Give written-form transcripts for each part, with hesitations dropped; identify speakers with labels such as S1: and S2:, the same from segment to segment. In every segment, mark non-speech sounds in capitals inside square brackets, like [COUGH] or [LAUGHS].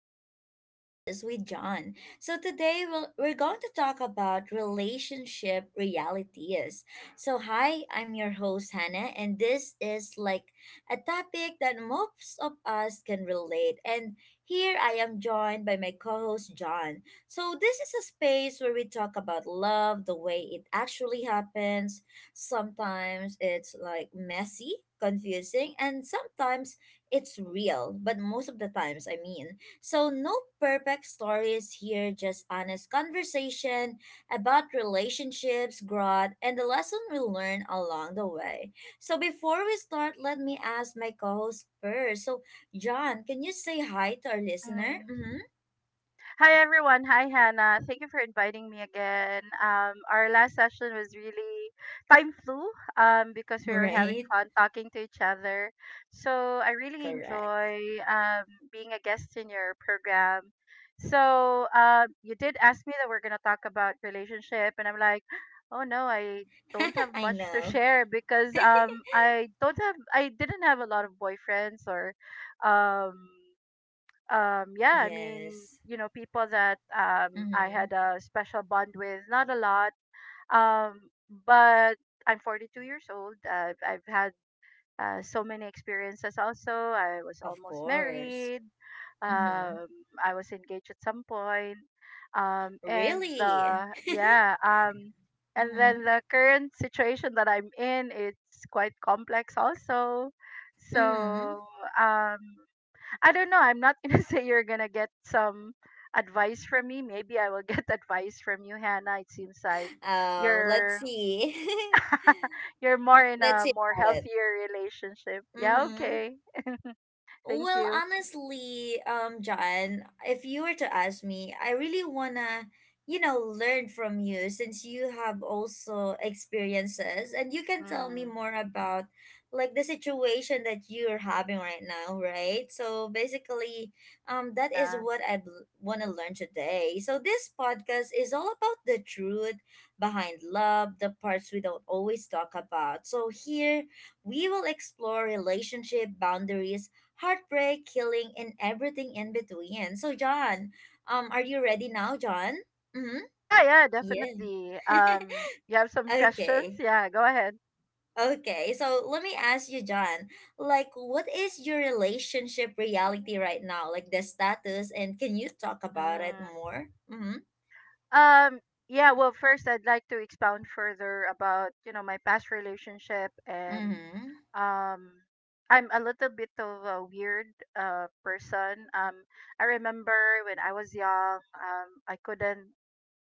S1: to another podcast with John. So, today we're going to talk about relationship realities. So, hi, I'm your host, Hannah, and this is like a topic that most of us can relate. And here I am joined by my co host, John. So, this is a space where we talk about love, the way it actually happens. Sometimes it's like messy, confusing, and sometimes it's real, but most of the times, I mean. So, no perfect stories here, just honest conversation about relationships, growth, and the lesson we learn along the way. So, before we start, let me ask my co host first. So, John, can you say hi to our listener?
S2: Mm.
S1: Mm-hmm.
S2: Hi everyone. Hi Hannah. Thank you for inviting me again. Our last session was really time flew because we were having
S1: Right?
S2: fun talking to each other. So I really
S1: Correct.
S2: enjoy um, being a guest in your program. So you did ask me that we're gonna talk about relationship, and I'm like, oh no, I don't
S1: [LAUGHS]
S2: have
S1: I
S2: much to
S1: know.
S2: share because
S1: [LAUGHS]
S2: I didn't have a lot of boyfriends or um yeah, I mean,
S1: Yes.
S2: you know, people that I
S1: Mm-hmm.
S2: had a special bond with, not a lot. Um but I'm 42 years old. I've had so many experiences. Also, I was
S1: Of
S2: almost
S1: course.
S2: married.
S1: Mm-hmm.
S2: um I was engaged at some point. um and
S1: Really?
S2: uh
S1: [LAUGHS]
S2: yeah um and
S1: Mm-hmm.
S2: then the current situation that I'm in, it's quite complex also.
S1: Mm-hmm.
S2: So um I don't know. I'm not gonna [LAUGHS] say you're gonna get some advice from me. Maybe I will get [LAUGHS] advice from you, Hannah. It seems like
S1: Oh, let's
S2: you're
S1: see.
S2: [LAUGHS] you're more
S1: [LAUGHS]
S2: in
S1: Let's
S2: a
S1: see
S2: more
S1: about it.
S2: healthier relationship. Yeah,
S1: Mm-hmm.
S2: okay. Thank
S1: Well,
S2: you.
S1: honestly, John, if you were to ask me, I really wanna, learn from you since you have also experiences and you can tell me
S2: Hmm.
S1: more about like the situation that you're having right now, right? So basically, that is
S2: Yeah.
S1: what I wanna learn today. So this podcast is all about the truth behind love, the parts we don't always talk about. So here we will explore relationship boundaries, heartbreak, healing, and everything in between. So, John, are you ready now, John? Mm-hmm.
S2: Yeah, yeah,
S1: Yeah.
S2: definitely.
S1: [LAUGHS]
S2: You have some questions?
S1: Okay.
S2: Yeah, go ahead.
S1: Okay. So let me ask you, John, like what is your relationship reality right now? Like the status, and can you talk about it
S2: Mm.
S1: more? Mm-hmm.
S2: Um, yeah, well, first I'd like to expound further about, you know, my past relationship. And
S1: Mm-hmm.
S2: um I'm a little bit of a weird person. I remember when I was young, I couldn't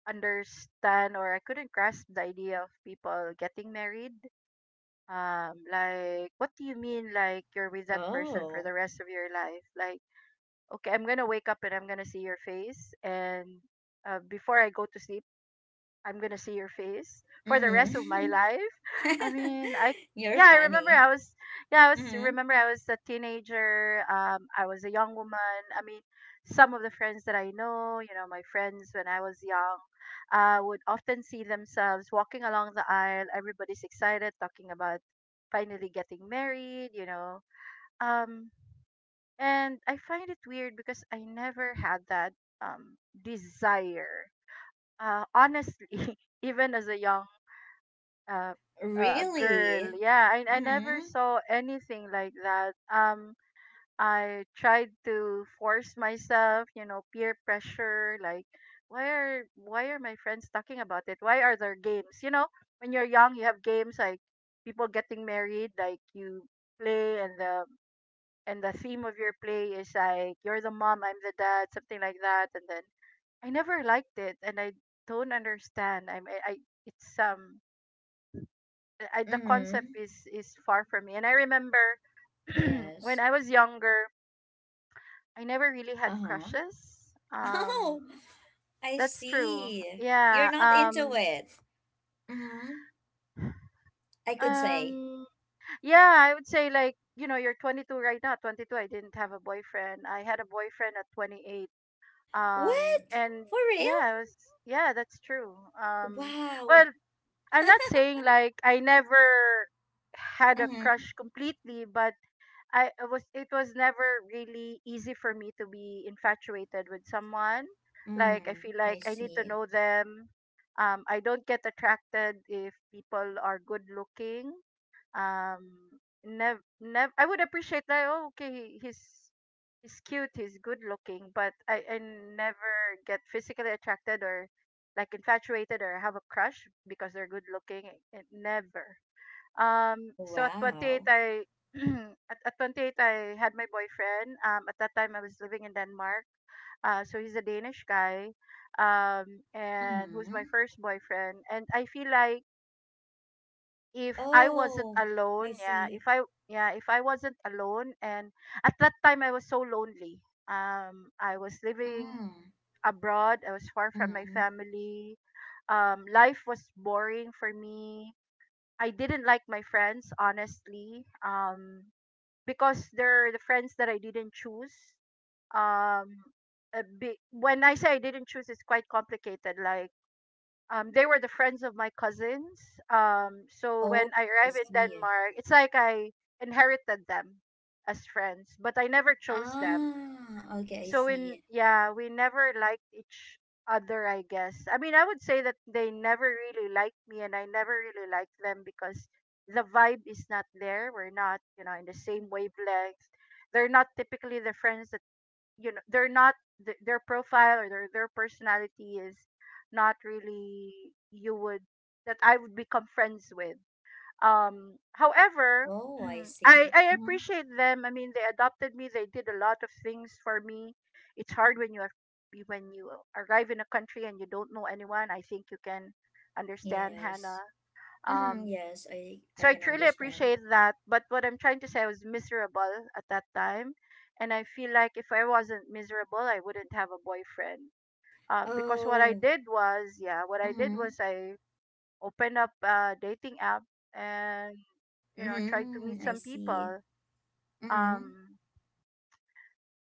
S2: understand, or I couldn't grasp the idea of people getting married. Um, like what do you mean, like you're with that person for
S1: Oh.
S2: the rest of your life? Like, okay, I'm going to wake up and I'm going to see your face, and before I go to sleep I'm gonna see your face for the rest of my
S1: Mm-hmm.
S2: life. I
S1: [LAUGHS]
S2: mean, I
S1: You're
S2: Yeah, I remember
S1: funny.
S2: I was yeah,
S1: Mm-hmm.
S2: I was a teenager. I was a young woman. I mean, some of the friends that I know, you know, my friends when I was young, would often see themselves walking along the aisle. Everybody's excited, talking about finally getting married. You know, um, and I find it weird because I never had that um desire. Honestly, [LAUGHS] even as a young uh, a girl.
S1: Really?
S2: Yeah, I never
S1: Mm-hmm.
S2: saw anything like that. I tried to force myself, you know, peer pressure. Like, why are my friends talking about it? Why are there games? You know, when you're young, you have games like people getting married. Like you play, and the theme of your play is like you're the mom, I'm the dad, something like that. And then I never liked it, and I don't understand. I'm I It's the
S1: Mm-hmm.
S2: concept is far from me. And I remember [CLEARS THROAT] when
S1: Yes.
S2: I was younger, I never really had
S1: Uh-huh.
S2: crushes.
S1: [LAUGHS] Oh, I
S2: That's true.
S1: see. You're
S2: Yeah.
S1: not into it. Mm-hmm. I could say.
S2: Um. Yeah, I would say, like, you know, you're 22 right now. 22. I didn't have a boyfriend. I had a boyfriend at 28.
S1: What?
S2: And
S1: For real?
S2: yeah, I was. Yeah, that's true. Um. Well,
S1: Wow.
S2: I'm not saying like I never had a
S1: Mm-hmm.
S2: crush completely, but I was it was never really easy for me to be infatuated with someone. Like, I
S1: Mm,
S2: feel
S1: I
S2: like I need to
S1: see.
S2: know them. I don't get attracted if people are good looking. Um, nev nev I would appreciate that. Oh, okay, he's he's cute, he's good looking, but I never get physically attracted or like infatuated or have a crush because they're good looking. Never. So at 28,
S1: Wow.
S2: I [CLEARS THROAT] at 28, I had my boyfriend. At that time, I was living in Denmark. So he's a Danish guy, and who's my
S1: Mm-hmm.
S2: first boyfriend. And I feel like if I wasn't
S1: Oh, I
S2: alone,
S1: see.
S2: yeah, if I wasn't alone, and at that time I was so lonely. I was living
S1: Mm,
S2: abroad. I was far from my
S1: mm-hmm.
S2: family. Life was boring for me. I didn't like my friends, honestly, because they're the friends that I didn't choose. Um, when I say I didn't choose, it's quite complicated. Like, they were the friends of my cousins. So
S1: Oh,
S2: when I
S1: I
S2: arrived in
S1: see.
S2: Denmark, it's like I inherited them as friends, but I never chose them.
S1: Ah, okay, I
S2: We,
S1: see.
S2: yeah, we never liked each other, I guess. I mean, I would say that they never really liked me and I never really liked them because the vibe is not there. We're not, you know, in the same wavelength. They're not typically the friends that, you know, they're not their profile or their personality is not really you would that I would become friends with. Um, however, [CLEARS THROAT]
S1: Oh, I
S2: mm, I
S1: see.
S2: I
S1: Mm-hmm.
S2: appreciate them. I mean, they adopted me. They did a lot of things for me. It's hard when you are when you arrive in a country and you don't know anyone. I think you can understand, Hannah.
S1: Yes. Mm-hmm.
S2: Um,
S1: Yes, I
S2: so I
S1: can
S2: truly
S1: understand.
S2: appreciate that. But what I'm trying to say, I was miserable at that time, and I feel like if I wasn't miserable, I wouldn't have a boyfriend. Because
S1: Oh,
S2: what I did
S1: mm-hmm.
S2: was I open up a dating app and, you know, try to meet
S1: Mm-hmm. I
S2: some
S1: see.
S2: people.
S1: Mhm.
S2: Um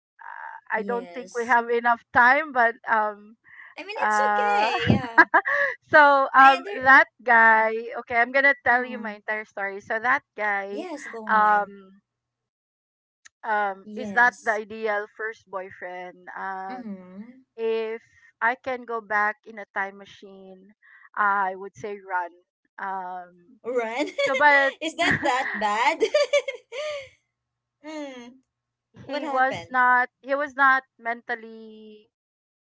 S2: I don't think we
S1: Yes.
S2: have enough time, but
S1: I mean, it's
S2: uh
S1: okay. Yeah.
S2: [LAUGHS] so
S1: I under.
S2: that guy, okay, I'm gonna tell you my
S1: Mm.
S2: entire story. So that guy
S1: Yes, go on.
S2: um is not the
S1: Yes.
S2: ideal first boyfriend.
S1: Mm-hmm.
S2: If I can go back in a time machine, I would say run. Um
S1: Run?
S2: so but
S1: [LAUGHS] Is that that
S2: [LAUGHS]
S1: bad? [LAUGHS] Mm. What happened?
S2: he was not mentally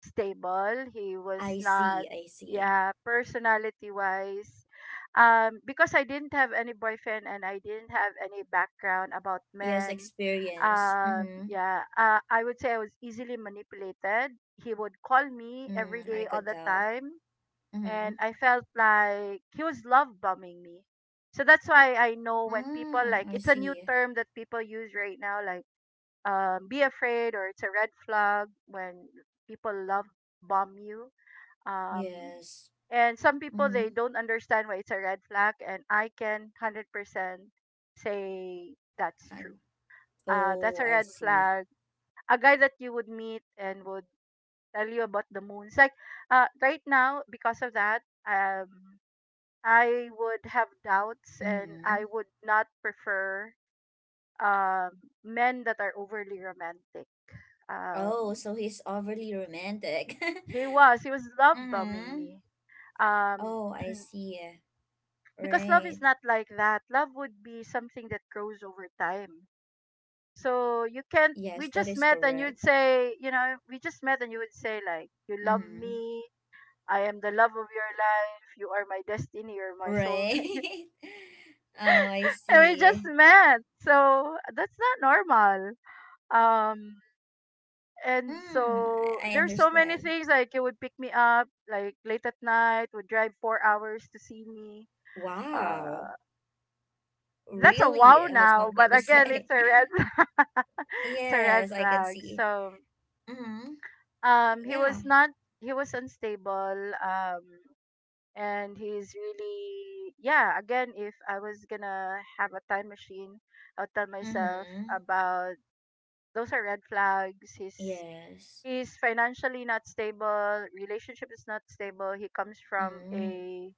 S2: stable. He
S1: I
S2: was not
S1: see. I see.
S2: Yeah, personality wise. Because I didn't have any boyfriend and I didn't have any background about
S1: Yes,
S2: men,
S1: experience. Mm-hmm.
S2: yeah I would say I was easily manipulated. He would call me every
S1: Mm, I
S2: day, all
S1: could
S2: the
S1: tell.
S2: time,
S1: Mm-hmm.
S2: and I felt like he was love bombing me. So that's why I know when people,
S1: Mm,
S2: like,
S1: I
S2: it's a new
S1: see.
S2: term that people use right now, like, be afraid, or it's a red flag when people love bomb you. Um,
S1: Yes.
S2: and some people
S1: Mm-hmm.
S2: they don't understand why it's a red flag, and I can 100% say that's
S1: And
S2: true. That's
S1: oh,
S2: a
S1: I
S2: red
S1: see.
S2: flag. A guy that you would meet and would tell you about the moons. Like, right now, because of that, um, I would have doubts and
S1: Mm-hmm.
S2: I would not prefer um, men that are overly romantic. um
S1: Oh, so he's overly romantic.
S2: He was. He was
S1: [LAUGHS]
S2: love bombing
S1: Mm-hmm.
S2: me. Um,
S1: Oh,
S2: [CLEARS THROAT]
S1: I see. Eh,
S2: because love is
S1: right.
S2: not like that. Love would be something that grows over time. So you can't.
S1: Yes,
S2: We
S1: that
S2: just
S1: is
S2: met, and you'd
S1: correct.
S2: say, you know, we just met, and you would say, like, you love
S1: Mm-hmm.
S2: me. I am the love of your life. You are my destiny. You're my
S1: Right. [LAUGHS]
S2: soulmate.
S1: Oh, I
S2: [LAUGHS] And we just
S1: see.
S2: met. So that's not normal. Um, and
S1: Mm,
S2: so
S1: I
S2: there's so many
S1: understand.
S2: things like it would pick me up like late at night, would drive 4 hours to see me.
S1: Wow.
S2: Uh, that's a
S1: Really
S2: wow
S1: has
S2: now,
S1: something
S2: but
S1: to
S2: again,
S1: say.
S2: it's a
S1: [LAUGHS]
S2: red [LAUGHS] it's a red
S1: Yes, I can
S2: flag.
S1: see.
S2: So
S1: Mm-hmm.
S2: he
S1: Yeah.
S2: was not he was unstable. And he's really, yeah. Again, if I was gonna have a time machine, I'll tell myself
S1: Mm-hmm.
S2: about those are red flags.
S1: Yes.
S2: He's financially not stable. Relationship is not stable. He comes from
S1: Mm-hmm.
S2: a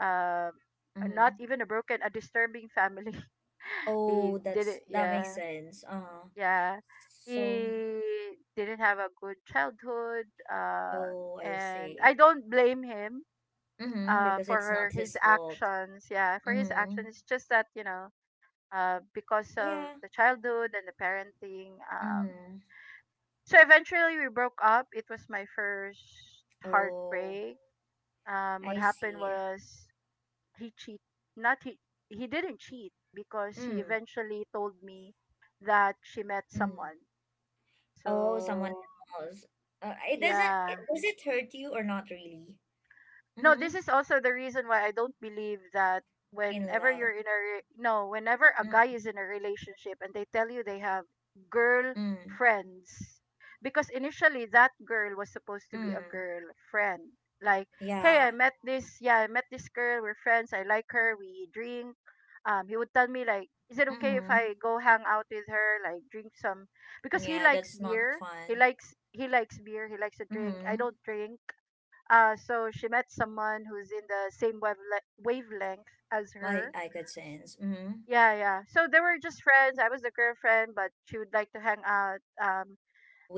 S2: um not
S1: Mm-hmm.
S2: even a broken, a disturbing family. [LAUGHS] he
S1: Oh, that's
S2: didn't
S1: that makes
S2: yeah
S1: sense. Uh-huh.
S2: yeah
S1: So,
S2: he didn't have a good childhood, um
S1: oh, I
S2: and I
S1: see.
S2: don't blame him
S1: Mm-hmm, because
S2: for
S1: it's
S2: her
S1: not
S2: his
S1: his fault.
S2: actions.
S1: Mm-hmm.
S2: It's just that, you know, because of
S1: Yeah.
S2: the childhood and the parenting.
S1: Mm.
S2: So eventually we broke up. It was my first
S1: Oh,
S2: heartbreak. What
S1: I
S2: happened
S1: see.
S2: was he cheat, not he he didn't cheat, because she
S1: Mm.
S2: eventually told me that she met
S1: Mm.
S2: someone.
S1: Oh, someone
S2: So
S1: else. It doesn't.
S2: yeah,
S1: Does it hurt you or not really?
S2: no,
S1: Mm-hmm.
S2: this is also the reason why I don't believe that
S1: In
S2: whenever
S1: love.
S2: you're in a re- no whenever a
S1: Mm.
S2: guy is in a relationship and they tell you they have girl
S1: Mm.
S2: friends, because initially that girl was supposed to be a
S1: Mm.
S2: girl friend. Like, hey,
S1: Yeah.
S2: I met this girl, we're friends, I like her, we drink. He would tell me, like, is it okay if
S1: Mm-hmm.
S2: I go hang out with her, like drink some, because he
S1: Yeah,
S2: likes
S1: that's not
S2: beer.
S1: fun.
S2: He likes beer, he likes to drink, I
S1: Mm-hmm.
S2: don't drink. Uh, so she met someone who's in the same wavelength as
S1: I
S2: her.
S1: I could sense. Mm-hmm.
S2: Yeah, yeah. So they were just friends. I was the girlfriend, but she would like to hang out.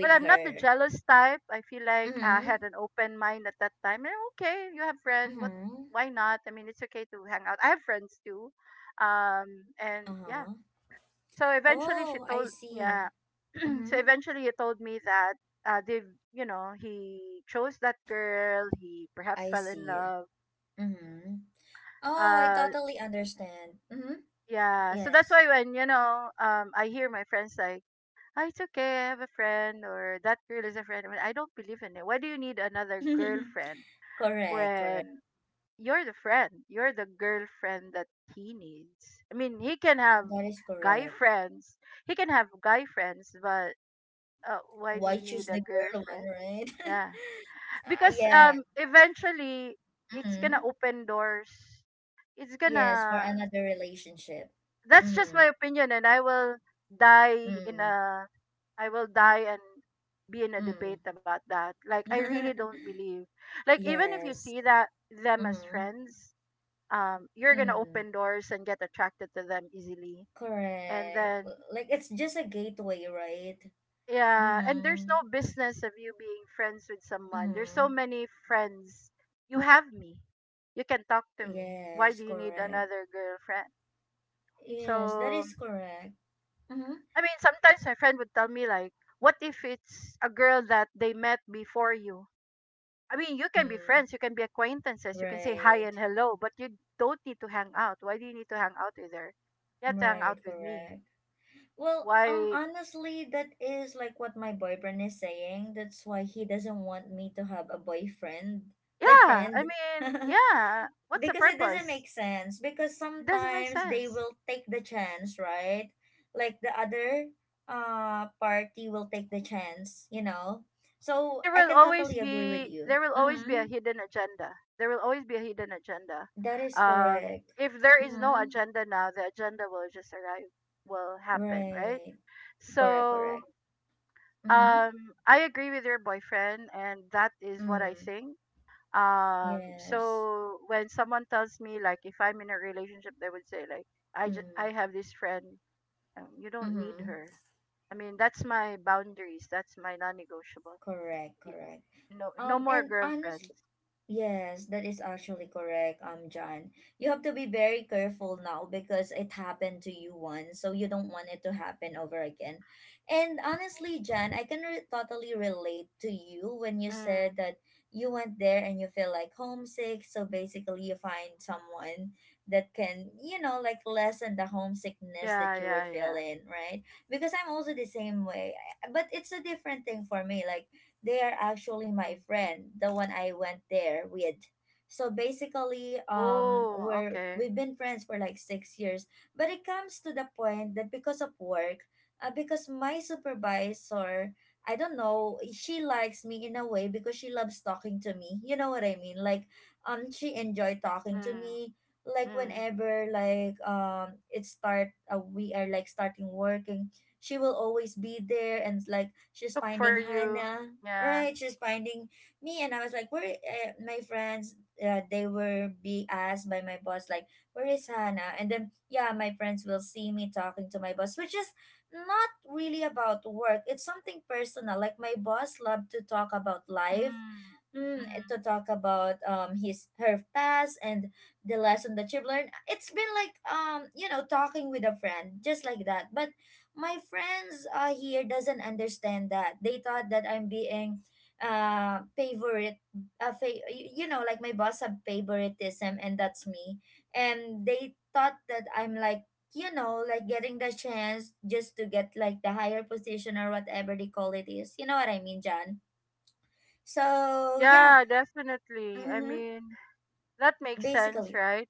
S2: But I'm not the
S1: her.
S2: jealous type. I feel like I had
S1: Mm-hmm.
S2: an open mind at that time. Eh, okay, you have friend. What?
S1: Mm-hmm.
S2: Why not? I mean, it's okay to hang out. I have friends too. And yeah.
S1: Uh-huh.
S2: So eventually, she
S1: Oh, I
S2: told. Yeah.
S1: see.
S2: [CLEARS THROAT] So
S1: Mm-hmm.
S2: eventually, he told me that uh, they, he chose that girl. He perhaps
S1: I
S2: fell in
S1: see.
S2: love.
S1: Mm-hmm. Oh, I
S2: Uh,
S1: totally understand. Mm-hmm.
S2: yeah. So that's
S1: Yes.
S2: why when I hear my friends like, "Ah, it's okay. I have a friend," or "That girl is a friend." I mean, I don't believe in it. Why do you need another
S1: [LAUGHS]
S2: girlfriend
S1: Correct, correct.
S2: when you're the friend? You're the girlfriend that he needs. I mean, he can have
S1: That is
S2: guy
S1: correct.
S2: friends. He can have guy friends, but why do
S1: Why
S2: you need
S1: choose
S2: a
S1: the girl one,
S2: girlfriend?
S1: right?
S2: Yeah,
S1: [LAUGHS] uh,
S2: because
S1: yeah.
S2: eventually, it's gonna
S1: Mm-hmm.
S2: open doors, it's
S1: Yes, for
S2: gonna
S1: another relationship.
S2: that's just
S1: Mm-hmm.
S2: my opinion, and die in
S1: Mm-hmm.
S2: a I will die and be in a debate about that. Like, I really
S1: Mm.
S2: don't
S1: [LAUGHS]
S2: believe, like, even if you
S1: Yes.
S2: see that them as
S1: Mm-hmm.
S2: friends, you're gonna
S1: Mm.
S2: open doors and get attracted to them easily. And
S1: Correct.
S2: then,
S1: Like it's just a gateway, right?
S2: yeah, and there's
S1: Mm-hmm.
S2: no business of you being friends with someone. There's so
S1: Mm-hmm.
S2: many friends. You have me. You can talk to me. Why do
S1: Yes,
S2: you need
S1: correct.
S2: another girlfriend?
S1: Yes, that
S2: So
S1: is correct. Mm-hmm.
S2: I mean, sometimes my friend would tell me like, "What if it's a girl that they met before you?" I mean, you can be
S1: Mm.
S2: friends, you can be acquaintances, you can say hi
S1: Right.
S2: and hello, but you don't need to hang out. Why do you need to hang out with her? You have to hang
S1: Right,
S2: out with me.
S1: correct. Well,
S2: Why?
S1: honestly, that is like what my boyfriend is saying. That's why he doesn't want me to have a boyfriend, like
S2: Yeah,
S1: friend,
S2: I
S1: [LAUGHS]
S2: mean, yeah. What's the
S1: because it doesn't
S2: purpose?
S1: make sense. Because
S2: It doesn't make
S1: sometimes they
S2: sense.
S1: will take the chance, right? Like the other party will take the chance. So
S2: There
S1: I
S2: will
S1: can
S2: always
S1: totally agree with
S2: be
S1: you.
S2: there will always be a
S1: Mm-hmm.
S2: hidden agenda. There will always be a hidden agenda.
S1: That is
S2: Um,
S1: correct.
S2: if there is no
S1: Mm-hmm.
S2: agenda now, the agenda will just arrive, will happen, right?
S1: Right. Correct.
S2: So,
S1: Correct. Mm-hmm.
S2: um, I agree with your boyfriend, and that is what I
S1: Mm.
S2: think.
S1: Yes.
S2: So when someone tells me like, if I'm in a relationship, they would say like, I just
S1: Mm.
S2: I have this friend, you don't need
S1: Mm-hmm.
S2: her. I mean, that's my boundaries. That's my non-negotiable.
S1: Correct,
S2: Y-
S1: correct.
S2: No, no
S1: Um,
S2: more
S1: and
S2: girlfriends.
S1: honestly, yes, that is actually correct, John. You have to be very careful now because it happened to you once, so you don't want it to happen over again. And honestly, John, I can totally relate to you when you said
S2: Mm,
S1: that you went there and you feel like homesick. So basically, you find someone that can, like lessen the homesickness
S2: yeah,
S1: that you were
S2: yeah, yeah.
S1: feeling, right? Because I'm also the same way, but it's a different thing for me. Like they are actually my
S2: Mm.
S1: friend, the one I went there with. So basically,
S2: Oh,
S1: we're
S2: okay.
S1: we've been friends for like 6 years. But it comes to the point that because of work, because my supervisor, I don't know, she likes me in a way because she loves talking to me. You know what I mean? Like, she enjoyed talking to
S2: Mm,
S1: me like
S2: mm.
S1: whenever, like it start, we are like starting working. She will always be there, and like she's
S2: Look for
S1: finding
S2: you.
S1: Hannah.
S2: Yeah.
S1: Right? She's finding me, and I was like, where? My friends, they were be asked by my boss, like, where is Hannah? And then, yeah, my friends will see me talking to my boss, which is not really about work. It's something personal. Like, my boss loved to talk about life,
S2: Mm, mm.
S1: to talk about his her past and the lesson that she learned. It's been like, talking with a friend just like that. But my friends here doesn't understand that. They thought that I'm being favorite, like my boss have favoritism and that's me, and they thought that I'm like, getting the chance just to get like the higher position or whatever they call it is. You know what I mean, John? So, yeah.
S2: Yeah, definitely. I
S1: Mm-hmm.
S2: mean, that makes sense,
S1: Basically.
S2: right?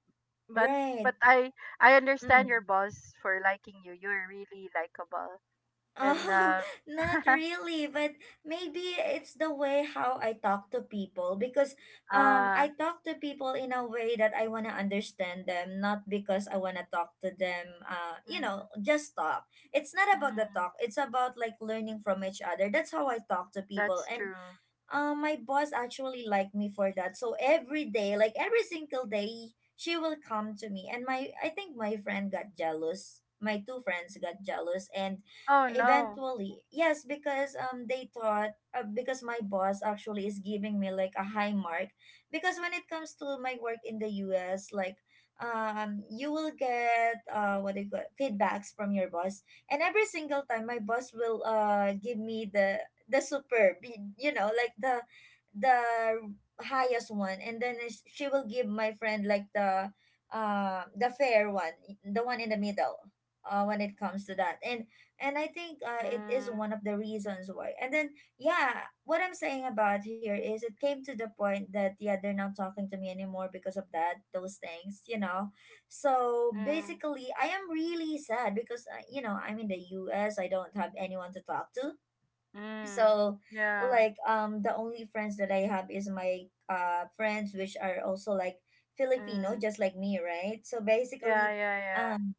S2: But
S1: Right.
S2: but I I understand your
S1: Mm.
S2: boss for liking you. You're really likable. And
S1: Oh, [LAUGHS] not
S2: [LAUGHS]
S1: really, but maybe it's the way how I talk to people, because
S2: ah
S1: I talk to people in a way that I want to understand them, not because I want to talk to them,
S2: mm,
S1: just talk. It's not about the
S2: mm,
S1: talk. It's about like learning from each other. That's how I talk to people.
S2: that's
S1: And
S2: true.
S1: Uh, my boss actually liked me for that. So every day, like every single day, she will come to me. And my I think my friend got jealous. My two friends got jealous, and
S2: Oh no.
S1: eventually, yes, because they thought, because my boss actually is giving me like a high mark, because when it comes to my work in the US, like, you will get, what do you call it, feedbacks from your boss, and every single time my boss will give me the super be you know like the the highest one, and then she will give my friend like the, the fair one, the one in the middle, when it comes to that. And and I think it is
S2: Mm,
S1: one of the reasons why. And then, yeah, what I'm saying about here is, it came to the point that, yeah, they're not talking to me anymore because of that, those things, you know. So
S2: mm,
S1: basically, I am really sad because, I'm in the U. S. I don't have anyone to talk to.
S2: mm.
S1: So,
S2: Yeah.
S1: like, the only friends that I have is my friends, which are also like Filipino
S2: Mm.
S1: just like me, right? So
S2: Yeah,
S1: basically,
S2: yeah, yeah.
S1: um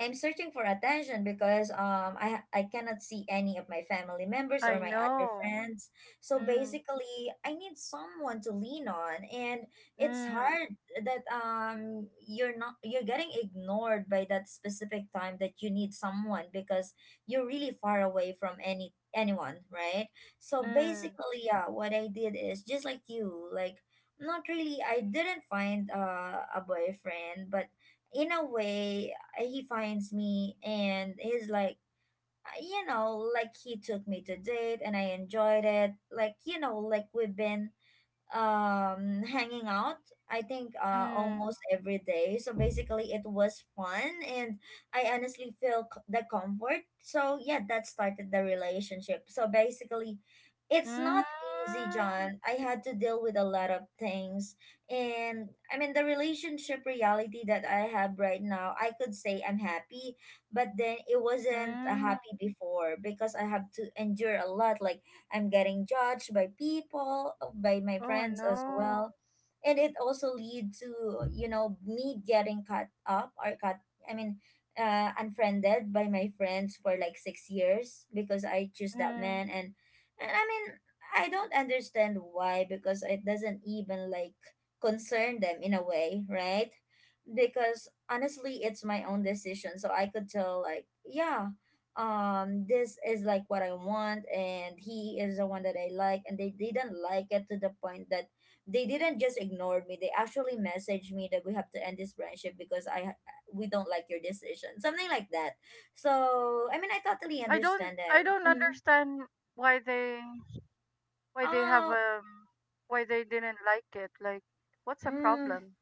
S1: I'm searching for attention because I cannot see any of my family members or
S2: I
S1: my other
S2: know.
S1: friends. So
S2: Mm,
S1: basically, I need someone to lean on, and it's
S2: mm,
S1: hard that, you're not you're getting ignored by that specific time that you need someone, because you're really far away from anyone, right? So
S2: mm,
S1: basically, yeah, what I did is just like you, like, not really. I didn't find, a boyfriend, but in a way, he finds me, and he's like, he took me to date, and I enjoyed it. Like, you know, like, we've been, hanging out, I think,
S2: mm,
S1: almost every day. So basically, it was fun, and I honestly feel, the comfort. So yeah, that started the relationship. So basically, it's
S2: mm,
S1: not easy, John. I had to deal with a lot of things, and I mean, the relationship reality that I have right now, I could say I'm happy, but then it wasn't,
S2: mm.
S1: happy before, because I have to endure a lot, like, I'm getting judged by people, by my
S2: Oh
S1: friends as
S2: no.
S1: well. And it also lead to, you know, me getting cut up or cut, I mean, unfriended by my friends for like 6 years, because I choose that
S2: Mm.
S1: man. And I mean, I don't understand why, because it doesn't even like concern them in a way, right? Because honestly, it's my own decision. So I could tell, like, yeah, this is like what I want, and he is the one that I like, and they didn't like it to the point that they didn't just ignore me. They actually messaged me that we have to end this friendship because I we don't like your decision, something like that. So I mean, I totally
S2: I don't
S1: understand
S2: I
S1: them.
S2: don't
S1: Mm-hmm.
S2: understand why they have, why they didn't like it. Like, what's the
S1: Oh,
S2: problem?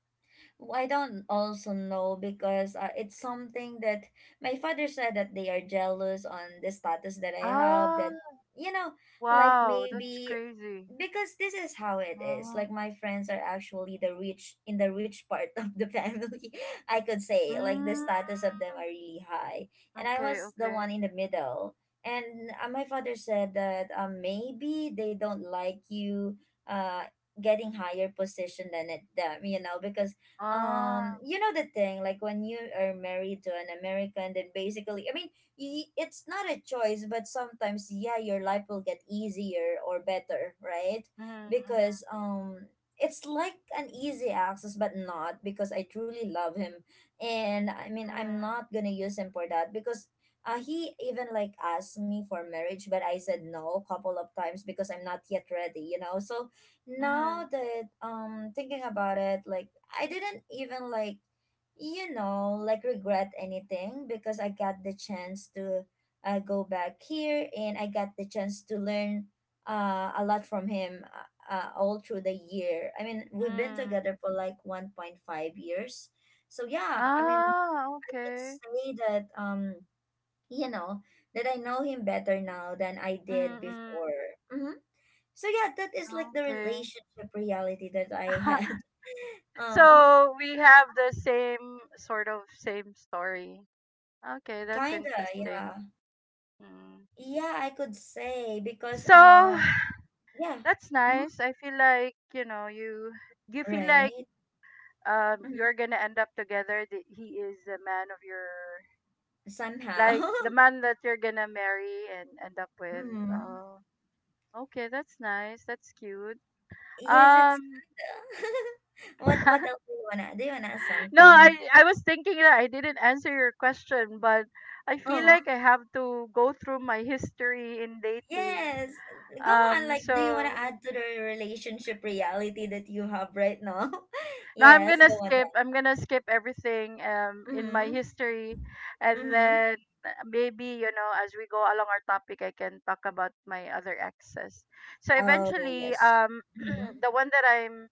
S1: I don't also know because it's something that my father said, that they are jealous on the status that I have.
S2: Oh
S1: You know, like,
S2: wow, that's
S1: maybe
S2: crazy.
S1: because this is how it is. Like,
S2: Oh.
S1: my friends are actually the rich in the rich part [LAUGHS] of the family. I could say like the
S2: Mm,
S1: status of them are really high, and I
S2: okay,
S1: was the one
S2: okay.
S1: in the middle. And my father said that maybe they don't like you Uh, getting higher position than them, because
S2: Ah.
S1: the thing, like, when you are married to an American, then basically, it's not a choice, but sometimes, yeah, your life will get easier or better, right?
S2: Mm, mm,
S1: Because it's like an easy access, but not because I truly love him. And I mean, I'm
S2: mm,
S1: not gonna use him for that, because he even like asked me for marriage, but I said no a couple of times because I'm not yet ready, so now
S2: mm,
S1: that, thinking about it, like, I didn't even like, like, regret anything, because I got the chance to go back here, and I got the chance to learn a lot from him all through the year. I mean, we've been
S2: mm.
S1: together for like 1.5 years. So yeah, I mean,
S2: Ah,
S1: I could
S2: okay.
S1: say that, you know that I know him better now than I
S2: Mm,
S1: did
S2: mm,
S1: before. Mhm. So yeah, that is like the
S2: okay.
S1: relationship reality that I had. [LAUGHS]
S2: [LAUGHS]
S1: Um,
S2: So we have the same, sort of same, story. Okay, that's
S1: Kinda, yeah.
S2: interesting. Mm.
S1: Yeah, I could say, because
S2: So, [SIGHS]
S1: yeah.
S2: that's
S1: Hmm.
S2: nice. I feel like, you feel like,
S1: Right. Hmm.
S2: you're gonna end up together. That he is the man of your
S1: Somehow.
S2: like the
S1: [LAUGHS]
S2: man that you're gonna marry and end up with.
S1: Hmm.
S2: Oh, okay, that's nice. That's cute.
S1: Yes, it's
S2: Um,
S1: [LAUGHS]
S2: [LAUGHS]
S1: what else, do you wanna add
S2: no, I
S1: something?
S2: I was thinking that I didn't answer your question, but I feel
S1: Oh,
S2: like I have to go through my history in dating.
S1: yes. Go on,
S2: Um,
S1: like, do you wanna
S2: so
S1: add to the relationship reality that you have right now? [LAUGHS]
S2: Now I'm
S1: Yes,
S2: gonna
S1: go on,
S2: skip.
S1: John.
S2: I'm gonna skip everything in my
S1: Mm-hmm.
S2: history, and
S1: Mm-hmm.
S2: then maybe, as we go along our topic, I can talk about my other exes. So
S1: Oh,
S2: eventually,
S1: yes. Mm-hmm.
S2: [CLEARS THROAT] the one that I'm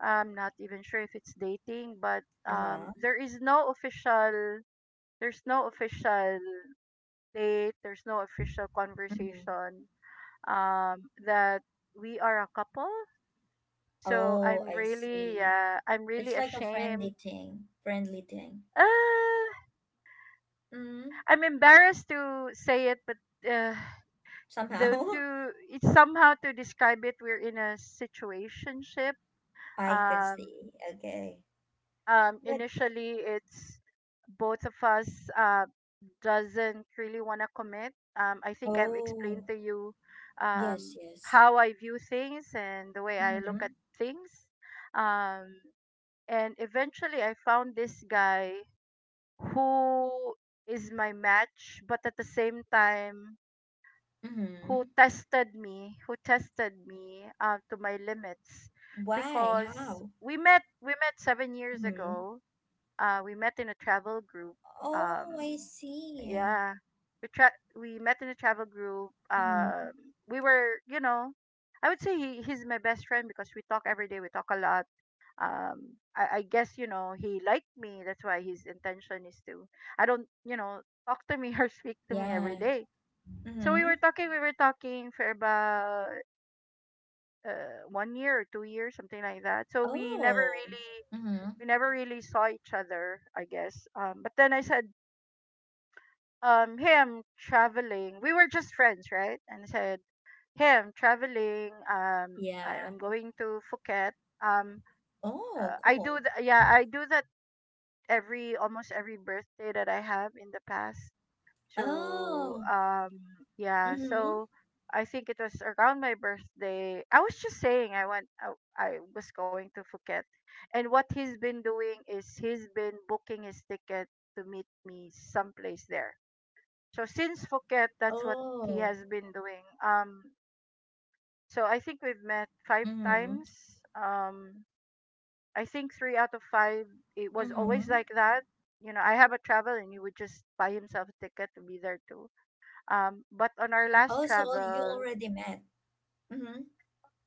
S2: I'm not even sure if it's dating, but
S1: Uh-huh.
S2: there is no official. There's no official date. There's no official
S1: Mm-hmm.
S2: conversation. That we are a couple. So
S1: Oh,
S2: I'm
S1: I
S2: really,
S1: see.
S2: uh, I'm
S1: It's
S2: really
S1: like a friendly
S2: ashamed.
S1: thing, friendly thing.
S2: Uh,
S1: Mm,
S2: I'm embarrassed to say it, but uh, the
S1: Somehow.
S2: to it's somehow to describe it. We're in a situationship.
S1: [LAUGHS] I can
S2: Um,
S1: see. Okay. But
S2: initially, it's both of us, uh, doesn't really want to commit. I think I've explained
S1: oh,
S2: to you
S1: yes, yes.
S2: how I view things and the way I
S1: Mm-hmm.
S2: look at things. Um, and eventually, I found this guy who is my match, but at the same time who
S1: Mm-hmm.
S2: tested me, to my limits,
S1: Why?
S2: because
S1: How?
S2: we met 7 years
S1: Mm-hmm.
S2: ago. We met in a travel group.
S1: Oh,
S2: Um,
S1: I see.
S2: yeah, we met in a travel group.
S1: Mm-hmm.
S2: We were, you know, I would say he's my best friend because we talk every day. We talk a lot. I guess he liked me. That's why his intention is to. I don't, talk to me [LAUGHS] or speak to me every
S1: Yeah.
S2: day. So we
S1: Mm-hmm.
S2: were talking, we were talking for about one year or 2 years, something like that. So we never
S1: Oh.
S2: really,
S1: Mm-hmm.
S2: we never really saw each other, I guess. But then I said, hey, I'm traveling. We were just friends, right? And I said, hey, I'm traveling.
S1: Yeah.
S2: I'm going to Phuket. Um,
S1: Oh, cool.
S2: yeah, I do that every almost every birthday that I have in the past. So
S1: Oh.
S2: yeah,
S1: Mm-hmm.
S2: I think it was around my birthday. I was just saying I was going to Phuket. And what he's been doing is he's been booking his ticket to meet me someplace there. So since Phuket, that's what he
S1: Oh.
S2: has been doing. So I think we've met five
S1: Mm-hmm.
S2: times. Um I think 3 out of 5 it was always
S1: Mm-hmm.
S2: like that. You know, I have a travel and he would just buy himself a ticket to be there too, but on our last
S1: Oh, so you
S2: travel,
S1: already met. Mm-hmm.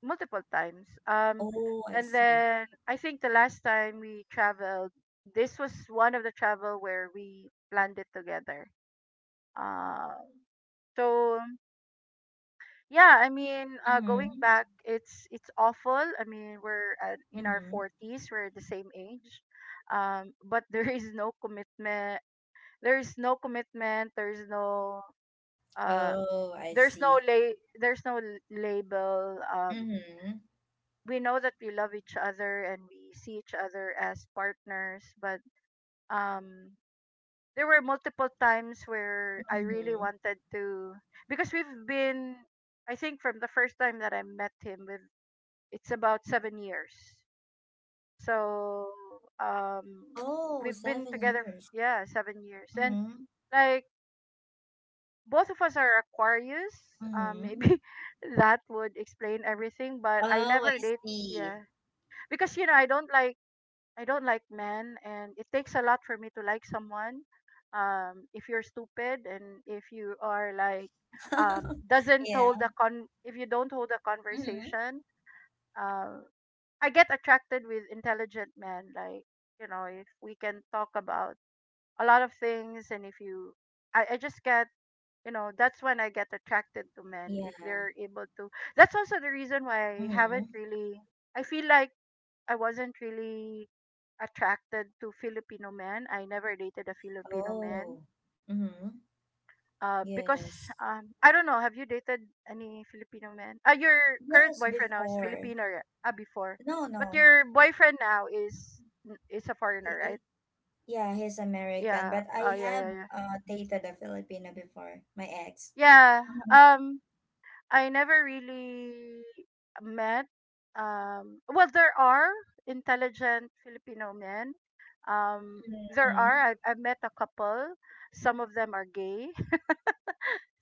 S2: multiple times.
S1: Oh, I
S2: And
S1: see.
S2: then I think the last time we traveled, this was one of the travel where we planned it together. Um, so yeah, I mean, going
S1: Mhm,
S2: back, it's awful. I mean, in our
S1: mhm.
S2: 40s, we're the same age, but [LAUGHS] there is no commitment. There is no commitment. Uh,
S1: Oh, I
S2: there's no
S1: see.
S2: la- there's no l- label.
S1: Mhm,
S2: We know that we love each other and we see each other as partners, but um there were multiple times where I really
S1: mhm.
S2: wanted to, because we've been, I think, from the first time that I met him with it's about 7 years. So um
S1: Oh,
S2: we've been
S1: 7
S2: together,
S1: years.
S2: yeah, 7 years, and
S1: Mhm,
S2: like both of us are Aquarius.
S1: mhm.
S2: Maybe [LAUGHS] that would explain everything, but I
S1: Oh, I
S2: never date,
S1: see.
S2: yeah, because I don't like men, and it takes a lot for me to like someone. If you're stupid and if you are like,
S1: [LAUGHS]
S2: doesn't
S1: Yeah.
S2: hold a con, if you don't hold a
S1: Mhm.
S2: conversation, uh, I get attracted with intelligent men. Like, you know, if we can talk about a lot of things, and if you, I just get, that's when I get attracted to men
S1: Yeah.
S2: if they're able to. That's also the reason why I haven't
S1: Mhm.
S2: really. I feel like I wasn't really attracted to Filipino men. I never dated a Filipino man.
S1: Oh. Mhm.
S2: Because
S1: Yes.
S2: I don't know. Have you dated any Filipino men? Your current
S1: Yes,
S2: boyfriend now is
S1: before.
S2: Filipino, right? Ah, before,
S1: No,
S2: but
S1: no.
S2: your boyfriend now is a foreigner,
S1: I-
S2: right?
S1: I- yeah, he's American,
S2: Yeah.
S1: but
S2: Oh,
S1: I
S2: yeah, yeah,
S1: have
S2: yeah.
S1: dated a Filipino before, my ex.
S2: Yeah.
S1: Mhm.
S2: Um, I never really met. Well, there are intelligent Filipino men. There
S1: Mhm.
S2: are. I've met a couple. Some of them are gay. [LAUGHS]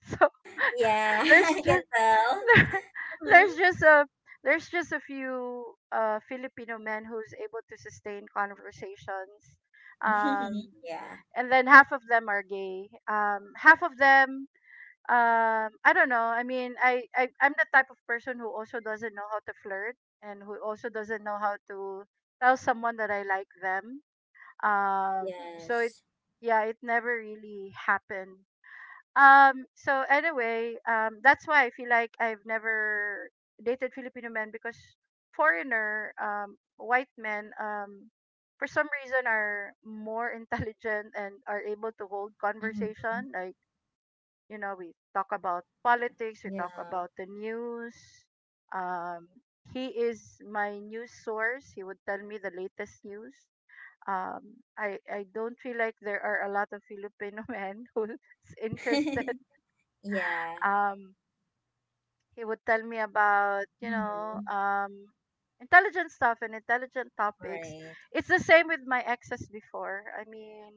S2: So
S1: [LAUGHS] Yeah, [LAUGHS]
S2: there's
S1: I can
S2: just
S1: tell.
S2: [LAUGHS]
S1: Mhm.
S2: there's just a there's just a few Filipino men who's able to sustain conversations.
S1: [LAUGHS]
S2: Um,
S1: Yeah.
S2: and then half of them are gay. Half of them, I don't know, I mean, I'm the type of person who also doesn't know how to flirt and who also doesn't know how to tell someone that I like them, um so it
S1: Yes.
S2: yeah, it never really happened, so anyway, that's why I feel like I've never dated filipino men, because foreigner, white men, for some reason, are more [LAUGHS] intelligent and are able to hold
S1: Mm-hmm.
S2: conversation, like, you know, we talk about politics, we talk
S1: Yeah.
S2: about the news. Um, he is my news source. He would tell me the latest news. I don't feel like there are a lot of Filipino [LAUGHS] men who's
S1: [LAUGHS]
S2: interested.
S1: Yeah,
S2: Um, he would tell me about,
S1: Mm-hmm,
S2: intelligent stuff and intelligent topics.
S1: right.
S2: It's the same with my exes before. I mean,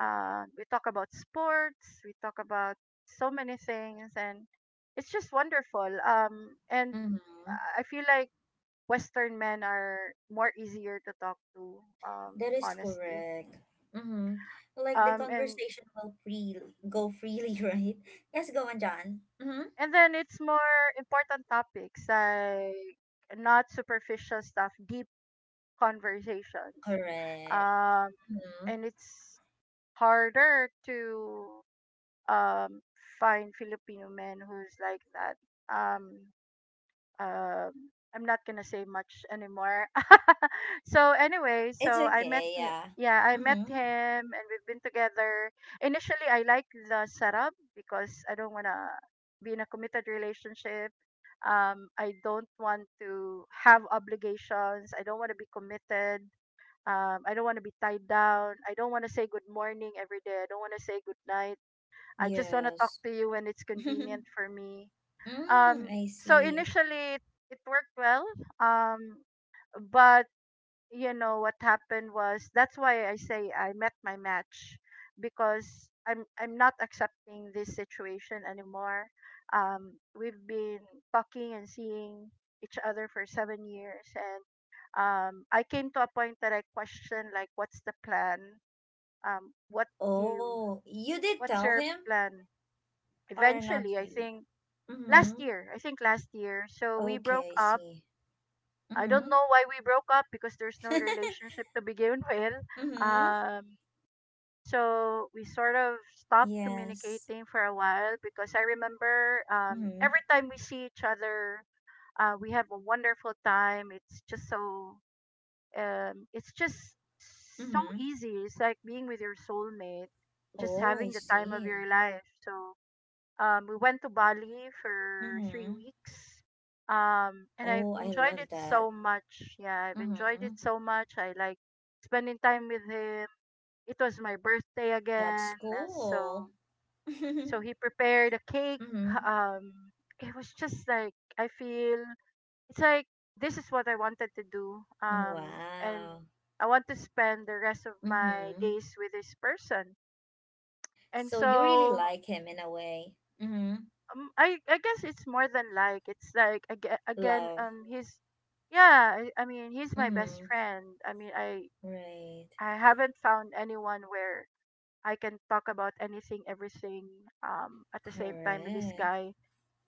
S2: we talk about sports. We talk about so many things, and it's just wonderful. And
S1: Mm-hmm.
S2: I feel like Western men are more easier to talk to.
S1: That is
S2: Honestly.
S1: correct. Mm-hmm. Like, the
S2: Um, and
S1: conversation will free go freely, [LAUGHS] right? Yes, go on, John. Mm-hmm.
S2: and then it's more important topics, like, not superficial stuff, deep conversations.
S1: Correct.
S2: Um,
S1: Mm-hmm.
S2: and it's harder to um find Filipino men who's like that. Um, um I'm not gonna say much anymore. [LAUGHS] So anyway,
S1: It's
S2: so I met
S1: okay,
S2: him.
S1: yeah.
S2: Yeah, I met
S1: Mm-hmm.
S2: him, and we've been together. Initially, I like the setup because I don't wanna be in a committed relationship. I don't want to have obligations. I don't want to be committed. I don't want to be tied down. I don't want to say good morning every day. I don't want to say good night. I just want to talk
S1: Yes.
S2: to you when it's
S1: [LAUGHS]
S2: convenient for me.
S1: Mm-hmm.
S2: Um,
S1: I
S2: so
S1: see.
S2: initially it worked well. Um, but what happened was that's why I say I met my match because I'm not accepting this situation anymore. We've been talking and seeing each other for 7 years, and I came to a point that I questioned like, what's the plan? Um, what do you,
S1: Oh, you did
S2: what's
S1: tell
S2: your
S1: him?
S2: plan?
S1: Or not
S2: Eventually, I
S1: really?
S2: think
S1: Mm-hmm.
S2: last year, I think last year. So we broke
S1: Okay, I
S2: up.
S1: see.
S2: I don't
S1: Mm-hmm.
S2: know why we broke up because there's no
S1: [LAUGHS]
S2: relationship to begin [LAUGHS] with.
S1: Mm-hmm.
S2: Um, so we sort of stopped
S1: Yes.
S2: communicating for a while because I remember
S1: Mm-hmm.
S2: every time we see each other, we have a wonderful time. It's just so
S1: Mm-hmm.
S2: easy. It's like being with your soulmate, just
S1: Oh, I
S2: having the time of
S1: see.
S2: your life. So we went to Bali for three
S1: Mm-hmm.
S2: weeks. And I've
S1: Oh, I
S2: enjoyed
S1: love
S2: it
S1: that.
S2: so much. Yeah, I've enjoyed
S1: Mm-hmm.
S2: it so much. I like spending time with him. It was my birthday
S1: That's
S2: again, uh, so
S1: cool. [LAUGHS]
S2: so he prepared a cake.
S1: Mm-hmm.
S2: Um, it was just like I feel it's like this is what I wanted to do. And
S1: Wow.
S2: I want to spend the rest of my
S1: Mm-hmm.
S2: days with this person. And
S1: So you really
S2: so
S1: like him in a way. Mm-hmm.
S2: um, I I guess it's more than like it's like again,
S1: Love.
S2: he's yeah. I mean he's my best
S1: Mm-hmm.
S2: friend. I mean I
S1: Right.
S2: I haven't found anyone where I can talk about anything, everything, at the same time with this
S1: Correct.
S2: guy.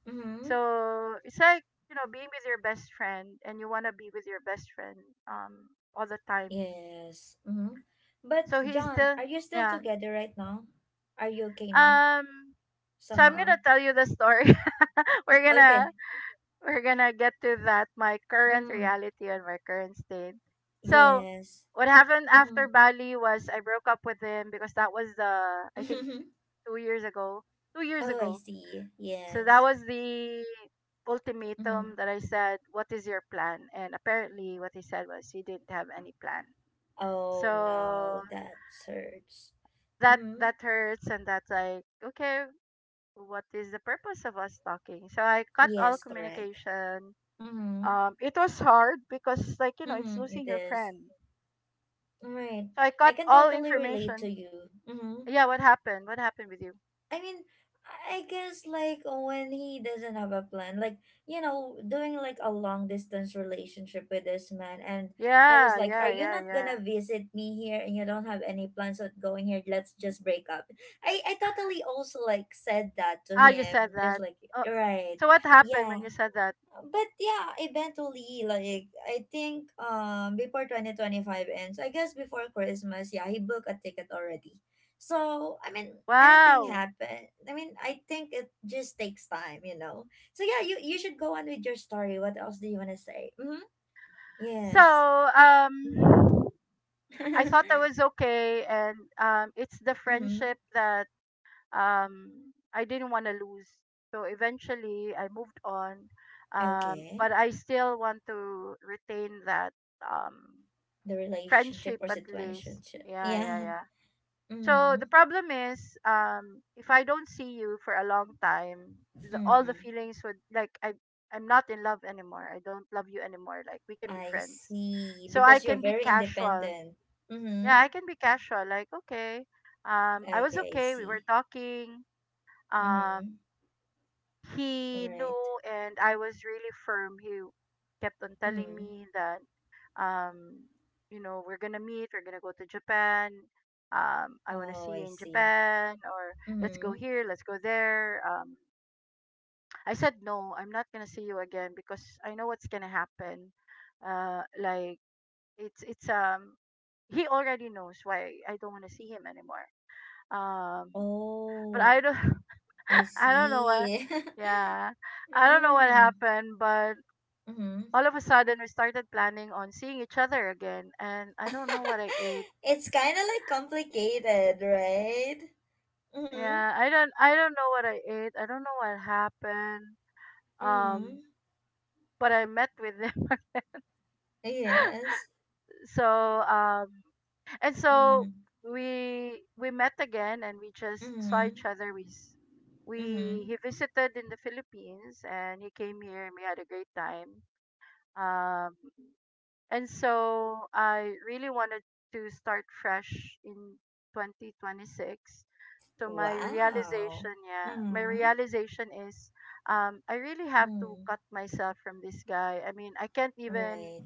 S1: Mm-hmm.
S2: So it's like, you know, being with your best friend and you want to be with your best friend um all the time.
S1: Yes. Mm-hmm. But
S2: So he's
S1: John,
S2: still,
S1: are you still
S2: yeah.
S1: together right now? Are you okay now?
S2: Um so I'm
S1: Somehow.
S2: gonna tell you the story. [LAUGHS] we're gonna
S1: Okay.
S2: we're gonna get to that, my current
S1: Mm.
S2: reality and my current state. So
S1: Yes.
S2: what happened after
S1: Mhm.
S2: Bali was I broke up with him because that was the, I think,
S1: [LAUGHS]
S2: two years ago 2 years
S1: Oh, I
S2: ago.
S1: see.
S2: So that
S1: Yes.
S2: was the ultimatum
S1: Hmm.
S2: that I said, what is your plan? And apparently what he said was he didn't have any plan.
S1: Oh no,
S2: So
S1: that hurts.
S2: that
S1: Hmm.
S2: that hurts, and that's like, okay, what is the purpose of us talking? So I cut all
S1: Yes, correct.
S2: communication.
S1: Mm-hmm. [LAUGHS]
S2: It was hard because, like, you know, it's
S1: Mm-hmm. It
S2: losing your
S1: is.
S2: friend.
S1: Right.
S2: So I
S1: I
S2: cut
S1: can
S2: all
S1: totally relate to
S2: information.
S1: you. Mm-hmm.
S2: Yeah. What happened with you?
S1: I mean, I guess, like, when he doesn't have a plan, like, doing like a long distance relationship with this man, and I was
S2: Yeah,
S1: like,
S2: yeah,
S1: "Are you
S2: yeah,
S1: not
S2: yeah.
S1: gonna visit me here? And you don't have any plans of going here? Let's just break up." I totally also like said that to
S2: Ah, you said
S1: him, just
S2: that.
S1: like,
S2: Oh,
S1: right,
S2: so what happened when you
S1: yeah,
S2: said that?
S1: but yeah, eventually, like, I think, before 2025 ends, I guess before Christmas, yeah, he booked a ticket already. So I mean, anything
S2: Wow.
S1: happen. I mean, I think it just takes time. So yeah, you should go on with your story. What else do you wanna say? Mm-hmm. Yes.
S2: so
S1: Mm-hmm.
S2: um I thought I
S1: [LAUGHS]
S2: was okay, and it's the
S1: Mm-hmm.
S2: friendship that um I didn't want to lose. So eventually I moved on,
S1: Okay.
S2: but I still want to retain that um
S1: The relationship
S2: friendship
S1: or
S2: at least.
S1: situation.
S2: Yeah, yeah,
S1: Yeah.
S2: yeah. So
S1: Mm-hmm.
S2: the problem is, if I don't see you for a long time, all the
S1: Mm.
S2: feelings would like I, I'm not in love anymore. I don't love you anymore. Like we can be
S1: I
S2: friends,
S1: see.
S2: so I
S1: Because you're
S2: can be
S1: very
S2: casual.
S1: independent.
S2: Yeah,
S1: Mm-hmm.
S2: I can be casual. Like, okay, I was
S1: Okay, I
S2: okay. We were
S1: see.
S2: talking.
S1: Mm-hmm.
S2: Um, he
S1: Right.
S2: knew and I was really firm. He kept on telling
S1: Mm-hmm.
S2: me that um you know, we're going to meet, we're going to go to Japan. I want to
S1: Oh,
S2: see
S1: I
S2: you in
S1: see.
S2: Japan, or let's
S1: Mm-hmm.
S2: go here, let's go there. I said no, I'm not going to see you again because I know what's going to happen. Like it's he already knows why I don't want to see him anymore. Um but I
S1: Oh,
S2: don't
S1: I
S2: [LAUGHS] I don't know what.
S1: see. [LAUGHS]
S2: Yeah, I don't know what
S1: Mm.
S2: happened, but
S1: Mm-hmm.
S2: all of a sudden we started planning on seeing each other again, and I don't know what
S1: [LAUGHS]
S2: I ate.
S1: It's kind of like complicated, right? Mm-hmm.
S2: Yeah, I don't. I don't know what I ate. I don't know what happened.
S1: Mm-hmm.
S2: Um, but I met with them. [LAUGHS]
S1: Yes.
S2: so um, and so
S1: Mm.
S2: we we met again, and we just saw
S1: Mm-hmm.
S2: each other. We s-
S1: Mm-hmm.
S2: we he visited in the Philippines, and he came here, and we had a great time. Um, And so I really wanted to start fresh in 2026. So my
S1: Wow.
S2: realization, yeah, my
S1: Mm-hmm.
S2: realization is I really have to
S1: Mm.
S2: cut myself from this guy. I mean,
S1: Right.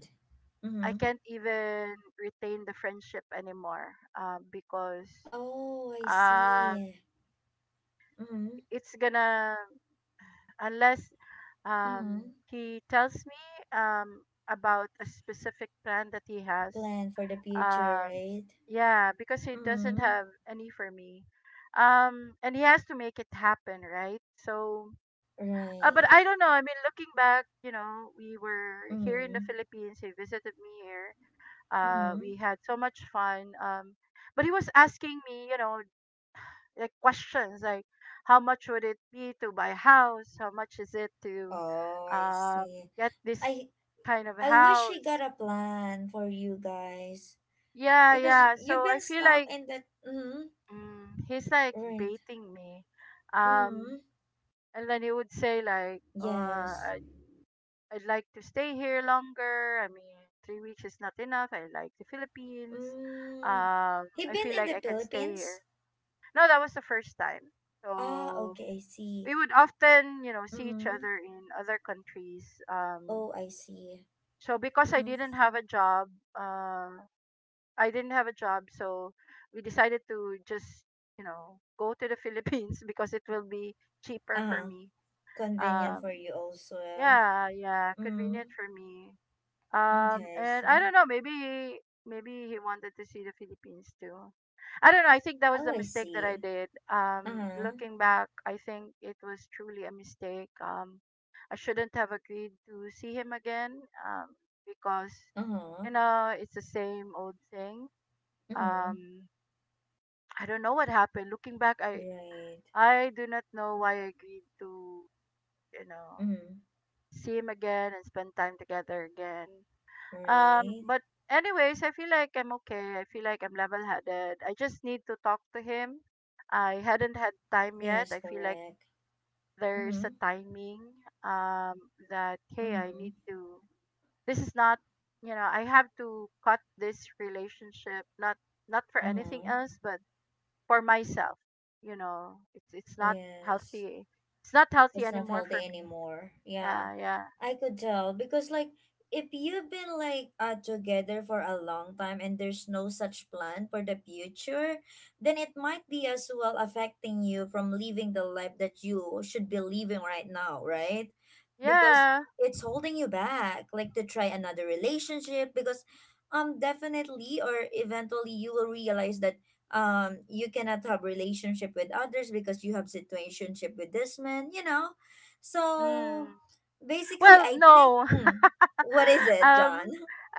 S2: I
S1: Mm-hmm.
S2: can't even retain the friendship anymore because
S1: Oh, I
S2: um
S1: see. Mm-hmm.
S2: it's gonna, unless
S1: Mm-hmm.
S2: he tells me um about a specific plan that he has.
S1: Plan for the future,
S2: Um,
S1: right?
S2: yeah, because he doesn't
S1: Mm,
S2: have any for me. And he has to make it happen, right? So, but
S1: right.
S2: I don't know. I mean, looking back, you know, we were here in the
S1: Mm,
S2: Philippines. He visited me here.
S1: mm.
S2: We had so much fun. But he was asking me, you know, like questions like, how much would it be to buy a house? How much is it to
S1: Oh, I
S2: uh,
S1: see.
S2: get this
S1: I
S2: kind of
S1: I wish we got
S2: house?
S1: a plan for you guys,
S2: Yeah,
S1: because
S2: yeah.
S1: you've
S2: So I
S1: been
S2: feel
S1: stuck
S2: like,
S1: in that. Mm,
S2: mm, he's like
S1: right.
S2: baiting me. Um,
S1: Mm,
S2: and then he would say like,
S1: yes.
S2: I'd like to stay here longer. I mean, 3 weeks is not enough. I like the Philippines.
S1: Mm. He
S2: I
S1: been
S2: feel
S1: in
S2: like
S1: the
S2: I can stay
S1: Philippines?
S2: here. No, that was the first time.
S1: Ah,
S2: So
S1: okay, I see.
S2: we would often, you know, see each
S1: Mm.
S2: other in other countries. Um,
S1: Oh, I see.
S2: so because I
S1: Mm.
S2: didn't have a job, uh, I didn't have a job, so we decided to just, you know, go to the [LAUGHS] Philippines because it will be cheaper for
S1: Uh-huh.
S2: me.
S1: Convenient
S2: Um,
S1: for you also.
S2: yeah, yeah,
S1: Mm.
S2: convenient for me. Um,
S1: Okay, I
S2: and I
S1: see.
S2: don't know, maybe he wanted to see the Philippines too. I don't know. I think that was
S1: Oh,
S2: the
S1: I
S2: mistake that
S1: see.
S2: I did.
S1: Uh-huh.
S2: Looking back, I think it was truly a mistake. I shouldn't have agreed to see him again. Um, because,
S1: Uh-huh.
S2: you know, it's the same old thing.
S1: Mm-hmm.
S2: Um, I don't know what happened. Looking back,
S1: Right.
S2: I do not know why I agreed to, you know,
S1: Mm-hmm.
S2: see him again and spend time together again.
S1: Right.
S2: But anyways, I feel like I'm okay. I feel like I'm level-headed. I just need to talk to him. I hadn't had time yet.
S1: Yes,
S2: I feel like
S1: correct.
S2: there's
S1: Mm-hmm.
S2: a timing um that, hey, I
S1: Mm-hmm.
S2: need to, this is not, you know, I have to cut this relationship, not not for anything
S1: Uh-huh.
S2: else, but for myself. You know, it's not
S1: Yes.
S2: healthy. It's not healthy
S1: It's not
S2: anymore
S1: healthy
S2: for me.
S1: anymore.
S2: Yeah,
S1: Yeah,
S2: yeah,
S1: I could tell, because, like, if you've been like, together for a long time, and there's no such plan for the future, then it might be as well affecting you from living the life that you should be living right now, right? Because
S2: yeah.
S1: it's holding you back, like, to try another relationship, because definitely, or eventually, you will realize that, you cannot have relationship with others because you have situationship with this man, so
S2: Mm.
S1: basically
S2: Well,
S1: I think.
S2: no.
S1: What is
S2: [LAUGHS]
S1: it,
S2: um,
S1: John?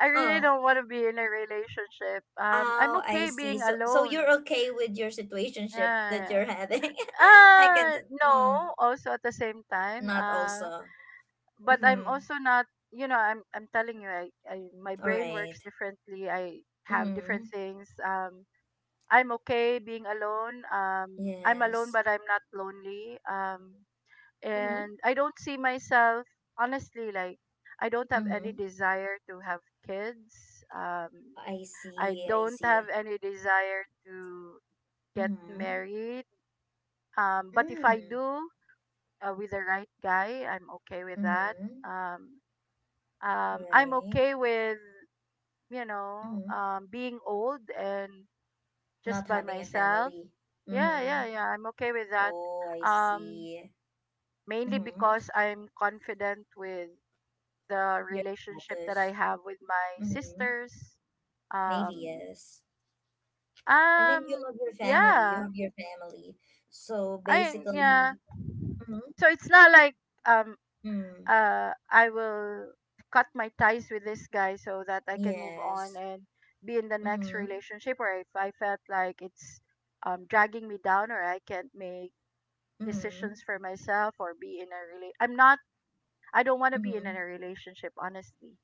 S2: I really
S1: Oh,
S2: don't want to be in a relationship. I'm
S1: oh, I
S2: okay
S1: see.
S2: being
S1: So you're
S2: alone.
S1: okay with your situationship that
S2: Yeah, yeah.
S1: you're having. [LAUGHS] i can t-
S2: No.
S1: mm,
S2: Also at the same time.
S1: Not also.
S2: But I'm
S1: Mm-hmm.
S2: also not. You know, I'm telling you, I, my
S1: All
S2: brain
S1: right.
S2: works differently. I have different
S1: Mm-hmm.
S2: things. I'm okay being alone. I'm alone,
S1: Yes.
S2: but I'm not lonely.
S1: Mm-hmm.
S2: And I don't see myself, honestly, like I don't have any
S1: Mm-hmm.
S2: desire to have kids.
S1: I
S2: I
S1: see, I
S2: don't
S1: see.
S2: have any desire to get
S1: Mm-hmm.
S2: married. But if I
S1: Mm-hmm.
S2: do, with the right guy, I'm okay with that.
S1: Mm-hmm.
S2: Um, I'm
S1: Right.
S2: okay with, you know,
S1: Mm-hmm.
S2: being old and just
S1: Not
S2: by
S1: having a
S2: myself.
S1: family.
S2: Yeah,
S1: Mm-hmm.
S2: yeah, yeah. I'm okay with that.
S1: Oh, I
S2: Um,
S1: see.
S2: Mainly
S1: Mm-hmm.
S2: because I'm confident with the
S1: Your
S2: relationship that I
S1: status.
S2: have with my
S1: Mm-hmm.
S2: sisters.
S1: Maybe
S2: Um,
S1: yes. I mean, you
S2: um,
S1: love your family. You
S2: yeah,
S1: have your family. So
S2: I yeah.
S1: basically. Mm-hmm.
S2: So it's not like um
S1: Mm,
S2: I will cut my ties with this guy so that I can move on
S1: yes.
S2: and be in the next
S1: Mm-hmm.
S2: relationship, or if I felt like it's dragging me down, or I can't make
S1: Mm-hmm.
S2: decisions for myself, or be in a I'm not, I don't want to be in a
S1: Mm-hmm.
S2: relationship honestly.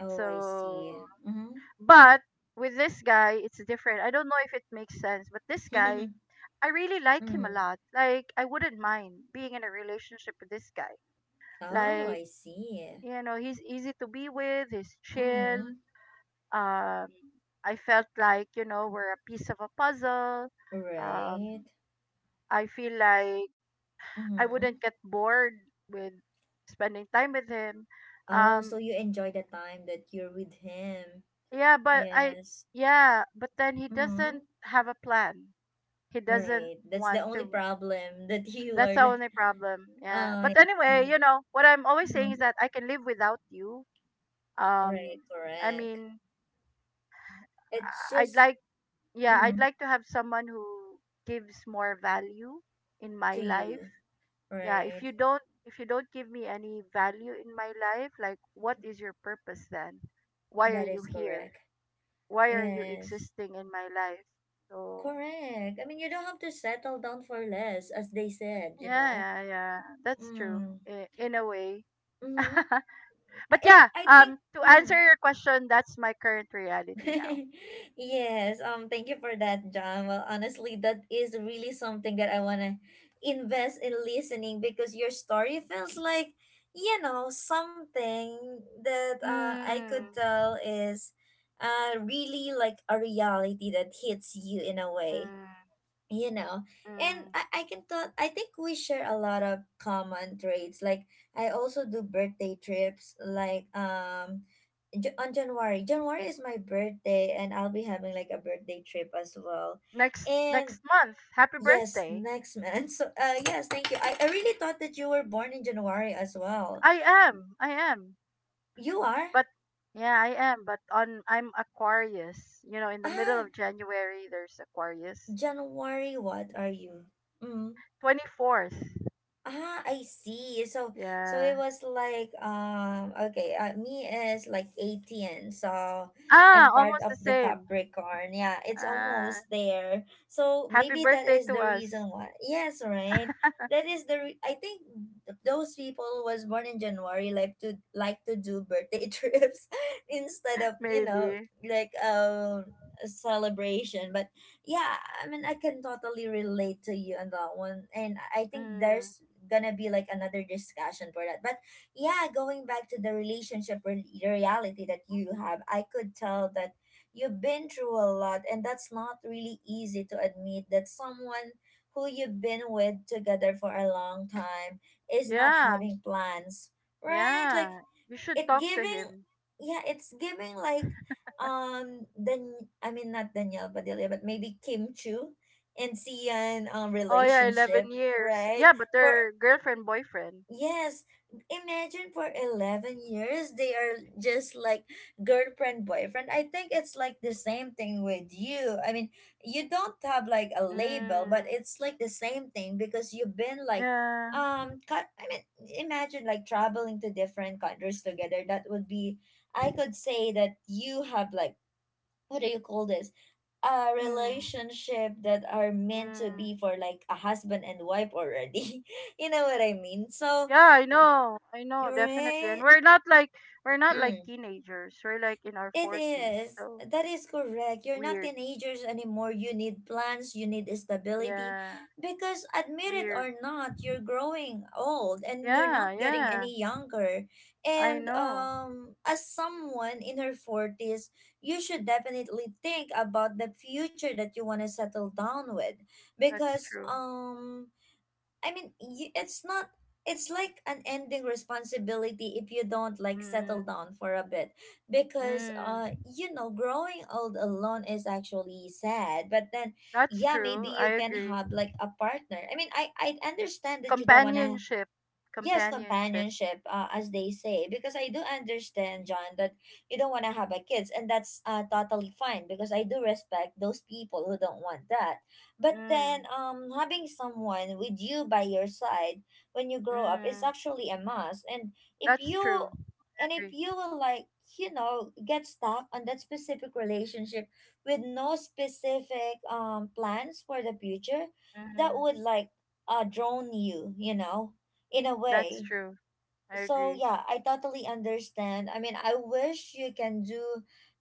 S1: Oh, I see.
S2: So
S1: Mm-hmm.
S2: but with this guy it's different. I don't know if it makes sense, but this guy,
S1: [LAUGHS]
S2: I really like him a
S1: Mm.
S2: lot. Like, I wouldn't mind being in a relationship with this guy.
S1: Oh,
S2: Like,
S1: I see.
S2: you know, he's easy to be with, he's chill.
S1: Mm-hmm.
S2: Um I felt like, you know, we're a piece of a puzzle. Um
S1: Right.
S2: I feel like I
S1: Mm-hmm.
S2: wouldn't get bored with spending time with him.
S1: Oh, so
S2: Um,
S1: you enjoy the time that you're with him.
S2: yeah,
S1: Yes.
S2: yeah, but then he
S1: Mm-hmm.
S2: doesn't have a plan. He doesn't
S1: Right. That's the
S2: want
S1: only
S2: to.
S1: problem [LAUGHS] that you
S2: That's
S1: are
S2: the
S1: like,
S2: only problem.
S1: oh,
S2: Yeah. But
S1: I
S2: anyway, you
S1: see.
S2: know, what I'm always saying is
S1: Mm-hmm.
S2: that I can live without you.
S1: Right,
S2: Um, I
S1: correct.
S2: mean,
S1: It's
S2: I'd
S1: just,
S2: like, yeah, I'd
S1: mm,
S2: like to have someone who gives more value in my
S1: to
S2: life.
S1: you,
S2: Yeah,
S1: right?
S2: if you don't give me any value in my life, like, what is your purpose then? Why are
S1: That
S2: you
S1: is
S2: here?
S1: correct.
S2: Why are you
S1: Yes,
S2: existing in my life? So
S1: correct. I mean, you don't have to settle down for less, as they said, you
S2: yeah,
S1: know?
S2: yeah, yeah, that's true,
S1: Mm.
S2: in a way.
S1: Mm-hmm.
S2: [LAUGHS]
S1: I,
S2: But
S1: I
S2: yeah,
S1: I think.
S2: to
S1: Mm-hmm.
S2: answer your question, that's my current reality now.
S1: [LAUGHS] Yes, thank you for that, John. Well, honestly, that is really something that I want to invest in listening, because your story feels like, something that, I
S2: Mm,
S1: could tell is, really like a reality that hits you in a way,
S2: mm,
S1: you know. And
S2: mm.
S1: I can thought I think we share a lot of common traits. Like, I also do birthday trips, like, on January. January is my birthday, and I'll be having like a birthday trip as well. And
S2: Next month. Happy
S1: yes,
S2: birthday.
S1: next month. [LAUGHS] So, yes, thank you. I really thought that you were born in January as well.
S2: I am.
S1: You are?
S2: But yeah, I am. But on, I'm Aquarius. You know, in the middle
S1: Ah,
S2: of January there's Aquarius.
S1: January, what are you? Mm.
S2: 24th.
S1: Ah, I see. So,
S2: Yeah.
S1: it was like, okay, me is like 18, so
S2: Ah,
S1: I'm part
S2: almost
S1: of
S2: the
S1: the
S2: same.
S1: Capricorn. Yeah, it's
S2: Uh
S1: almost there. So
S2: Happy
S1: maybe that
S2: birthday
S1: is
S2: to
S1: the
S2: us.
S1: reason why. Yes, right. That is the. I think those people who was born in January like to do birthday [LAUGHS] trips instead of,
S2: [LAUGHS] Maybe.
S1: like, a celebration. But yeah, I mean, I can totally relate to you on that one, and I think
S2: Mm.
S1: there's gonna be like another discussion for that. But yeah, going back to the relationship reality that you have, I could tell that you've been through a lot, and that's not really easy to admit, that someone who you've been with together for a long time is not
S2: Yeah.
S1: having plans, right? Like,
S2: Yeah. You should
S1: it
S2: talk to
S1: giving
S2: him.
S1: yeah, it's giving, like, I mean, not Danielle Padilla, but maybe Kim Chu and Sian,
S2: Oh yeah,
S1: relationship,
S2: 11 years.
S1: right?
S2: Yeah, but
S1: for
S2: they're girlfriend, boyfriend.
S1: Yes, imagine, for 11 years they are just like girlfriend, boyfriend. I think it's like the same thing with you. I mean, you don't have like a
S2: Mm.
S1: label, but it's like the same thing, because you've been like,
S2: Yeah.
S1: I mean, imagine like traveling to different countries together. That would be I could say that you have like, what do you call this? A
S2: Mm.
S1: relationship that are meant to
S2: Mm.
S1: be for like a husband and wife already. [LAUGHS] You know what I mean? So,
S2: Yeah, I know. I know, definitely. And
S1: right?
S2: we're not like
S1: Mm,
S2: teenagers. We're like in our
S1: it
S2: 40s.
S1: is.
S2: So
S1: That is correct. You're not
S2: weird.
S1: teenagers anymore. You need plans, you need stability.
S2: Yeah,
S1: Because admit it
S2: weird.
S1: or not, you're growing old, and you're not
S2: Yeah,
S1: getting
S2: yeah.
S1: any younger.
S2: I
S1: And
S2: know.
S1: as someone in her 40s, you should definitely think about the future that you want to settle down with,
S2: That's
S1: because
S2: true.
S1: I mean, it's not. It's like an ending responsibility if you don't like settle
S2: Mm.
S1: down for a bit, because
S2: Mm.
S1: growing old alone is actually sad. But then,
S2: That's
S1: yeah, maybe
S2: true. I
S1: you can
S2: agree.
S1: have like a partner. I mean, I understand that you don't wanna
S2: Companionship.
S1: yes
S2: Companionship.
S1: companionship as they say, because I do understand, John, that you don't want to have a kids, and that's totally fine because I do respect those people who don't want that. But then
S2: Mm.
S1: having someone with you by your side when you grow up is
S2: Mm.
S1: actually a must. And if
S2: That's
S1: you
S2: true.
S1: if
S2: Agree.
S1: you will like, you know, get stuck on that specific relationship with no specific plans for the future, that
S2: Mm.
S1: would like drone you, you know, in a
S2: That's
S1: way.
S2: true. I
S1: So
S2: agree.
S1: yeah, I totally understand. I mean, I wish you can do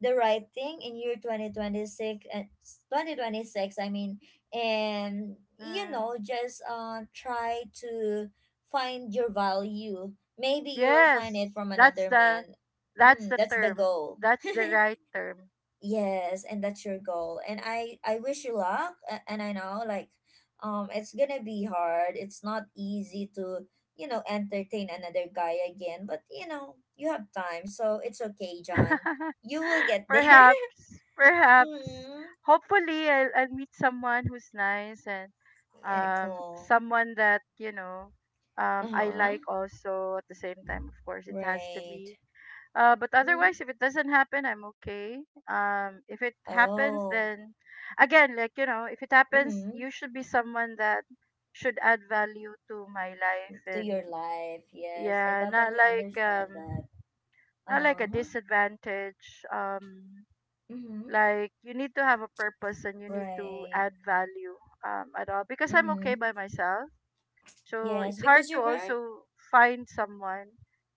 S1: the right thing in year 2026 and 2026, I mean, and you
S2: Mm.
S1: know, just try to find your value. Maybe you'll find it
S2: Yes.
S1: from
S2: That's
S1: another
S2: the
S1: man.
S2: that's
S1: Mm,
S2: the
S1: that's the
S2: term.
S1: goal.
S2: That's the
S1: [LAUGHS]
S2: right term.
S1: Yes, and that's your goal. And I wish you luck. And I know, like, it's going to be hard. It's not easy to, you know, entertain another guy again, but you know, you have time. So it's okay, John.
S2: [LAUGHS]
S1: You will get there.
S2: perhaps,
S1: [LAUGHS]
S2: perhaps,
S1: mm.
S2: hopefully, I'll meet someone who's nice, and
S1: Yeah, cool.
S2: someone that I
S1: Uh-huh.
S2: like also at the same time. Of course, it has to
S1: Right.
S2: be. But
S1: Mm-hmm.
S2: otherwise, if it doesn't happen, I'm okay. If it happens,
S1: Oh.
S2: then again, like if it happens,
S1: Mm-hmm.
S2: you should be someone that should add value to my life.
S1: To your
S2: And
S1: life. Yes, I
S2: yeah, not
S1: totally
S2: like
S1: understand that.
S2: um not like a
S1: Uh-huh.
S2: disadvantage.
S1: Mm-hmm.
S2: Like you need to have a purpose and you need to
S1: Right.
S2: add value at all, because I'm
S1: Mm-hmm.
S2: okay by myself. So
S1: Yes,
S2: it's hard
S1: because
S2: to
S1: you're very.
S2: also find someone,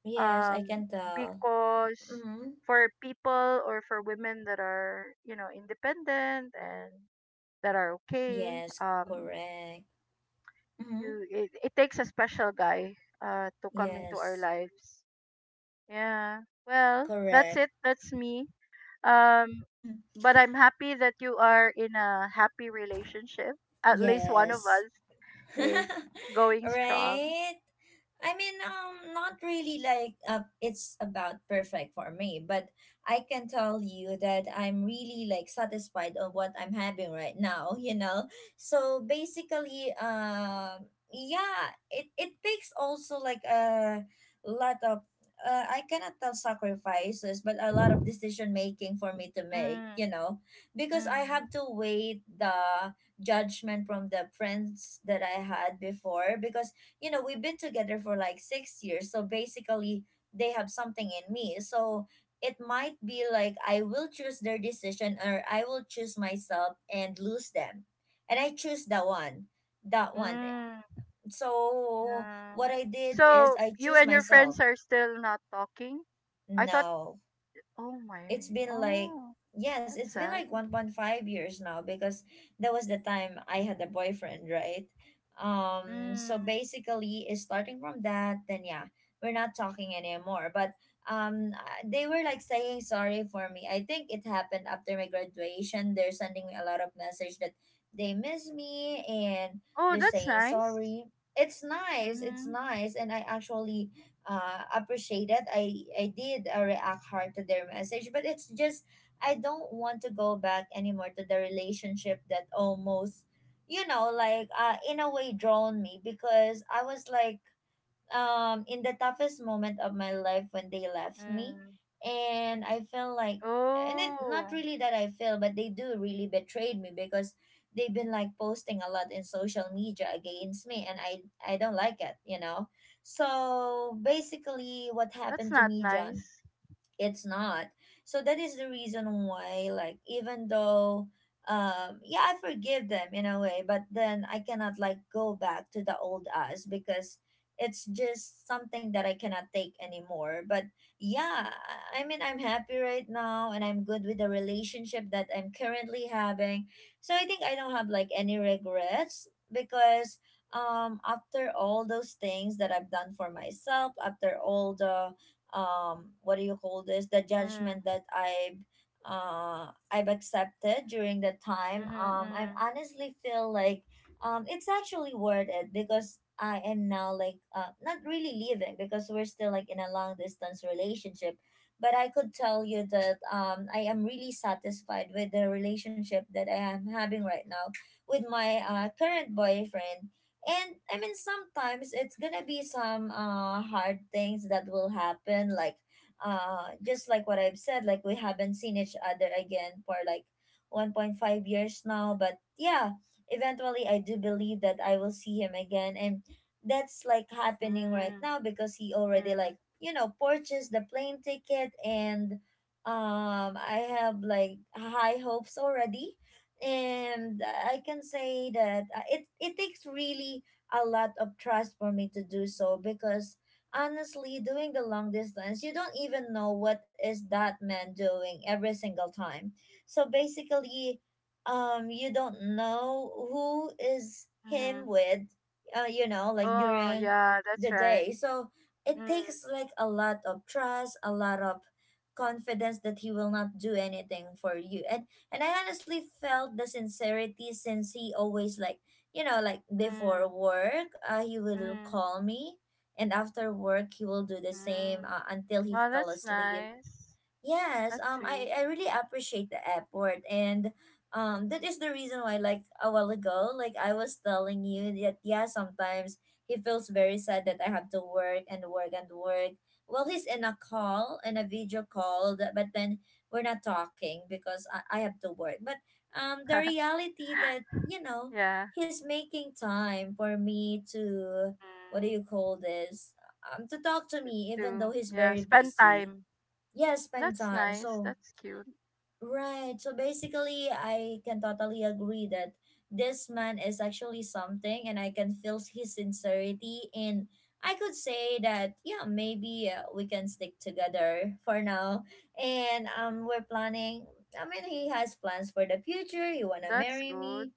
S1: Yes, I
S2: um
S1: can tell.
S2: because
S1: Mm-hmm.
S2: for people, or for women that are, independent, and that are okay.
S1: Yes,
S2: um
S1: correct. Mm-hmm.
S2: it takes a special guy to come into our
S1: Yes,
S2: lives. Yeah. Well, that's
S1: correct.
S2: it. That's me. um but I'm happy that you are in a happy relationship.
S1: [LAUGHS]
S2: At least one of
S1: Yes.
S2: us is
S1: [LAUGHS]
S2: going strong.
S1: right? I mean, not really like it's about perfect for me, but I can tell you that I'm really like satisfied on what I'm having right now, you know? So basically, yeah, it takes also like a lot of, I cannot tell sacrifices, but a lot of decision making for me to make,
S2: Mm,
S1: you know? Because I
S2: mm,
S1: have to wait the judgment from the friends that I had before, because you know we've been together for like six years, so basically they have something in me. So it might be like I will choose their decision or I will choose myself and lose them, and I choose that one.
S2: mm,
S1: So
S2: yeah.
S1: what I did is
S2: So
S1: I
S2: you
S1: choose
S2: and your
S1: myself.
S2: friends are still not talking? I thought,
S1: No,
S2: oh
S1: it's
S2: my,
S1: been like,
S2: oh,
S1: yes,
S2: that's
S1: it's been
S2: sad.
S1: like 1.5 years now, because that was the time I had a boyfriend, right? So
S2: Mm.
S1: basically is starting from that, then yeah, we're not talking anymore. But they were like saying sorry for me. I think it happened after my graduation. They're sending me a lot of message that they miss me and
S2: Oh,
S1: they're
S2: that's
S1: saying
S2: nice.
S1: sorry. It's nice, it's
S2: Mm,
S1: nice, and I actually appreciate it. I did react hard to their message, but it's just I don't want to go back anymore to the relationship that almost, you know, like in a way drawn me, because I was like in the toughest moment of my life when they left me.
S2: mm.
S1: And I felt like, and it not
S2: Oh,
S1: really that I feel, but they do really betrayed me because they've been like posting a lot in social media against me and I don't like it, you know. So basically what
S2: that's
S1: happened to
S2: not
S1: me, John,
S2: nice.
S1: it's not. So that is the reason why, like, even though yeah I forgive them in a way, but then I cannot like go back to the old us because it's just something that I cannot take anymore. But yeah, I mean I'm happy right now and I'm good with the relationship that I'm currently having, so I think I don't have like any regrets, because after all those things that I've done for myself, after all the what do you call this, the
S2: Mm,
S1: judgment that I've accepted during that time,
S2: mm,
S1: I
S2: mm,
S1: honestly feel like it's actually worth it, because I am now like not really leaving because we're still like in a long distance relationship. But I could tell you that I am really satisfied with the relationship that I am having right now, with my current boyfriend. And I mean, sometimes it's gonna be some hard things that will happen, like just like what I've said, like we haven't seen each other again for like 1.5 years now. But yeah, eventually I do believe that I will see him again, and that's like happening right
S2: mm,
S1: now because he already
S2: mm,
S1: like, you know, purchased the plane ticket. And I have like high hopes already, and I can say that it takes really a lot of trust for me to do so, because honestly, doing the long distance, you don't even know what is that man doing every single time. So basically, you don't know who is him
S2: mm.
S1: with, you know, like
S2: Oh
S1: during
S2: yeah, that's
S1: the
S2: right.
S1: day. So it
S2: Mm,
S1: takes like a lot of trust, a lot of confidence that he will not do anything for you. And I honestly felt the sincerity since he always like, you know, like before
S2: mm,
S1: work, he will
S2: mm,
S1: call me. And after work he will do the same,
S2: mm.
S1: until he
S2: Well,
S1: fell
S2: that's
S1: asleep.
S2: nice.
S1: Yes,
S2: That's
S1: I,
S2: sweet.
S1: I really appreciate the airport. And that is the reason why, like, a while ago, like I was telling you that yeah, sometimes he feels very sad that I have to work and work and work. Well, he's in a call, in a video call, that, but then we're not talking because I have to work. But the
S2: [LAUGHS]
S1: reality that, you know,
S2: yeah.
S1: he's making time for me to what do
S2: Mm,
S1: you call this? To talk to me even though
S2: too.
S1: he's
S2: Yeah,
S1: very
S2: spend
S1: busy,
S2: time.
S1: yeah, spend
S2: That's
S1: time.
S2: nice.
S1: So
S2: That's cute.
S1: right, so basically I can totally agree that this man is actually something, and I can feel his sincerity. And I could say that yeah, maybe we can stick together for now. And we're planning, I mean, he has plans for the future, he wanna
S2: That's
S1: marry me.
S2: good.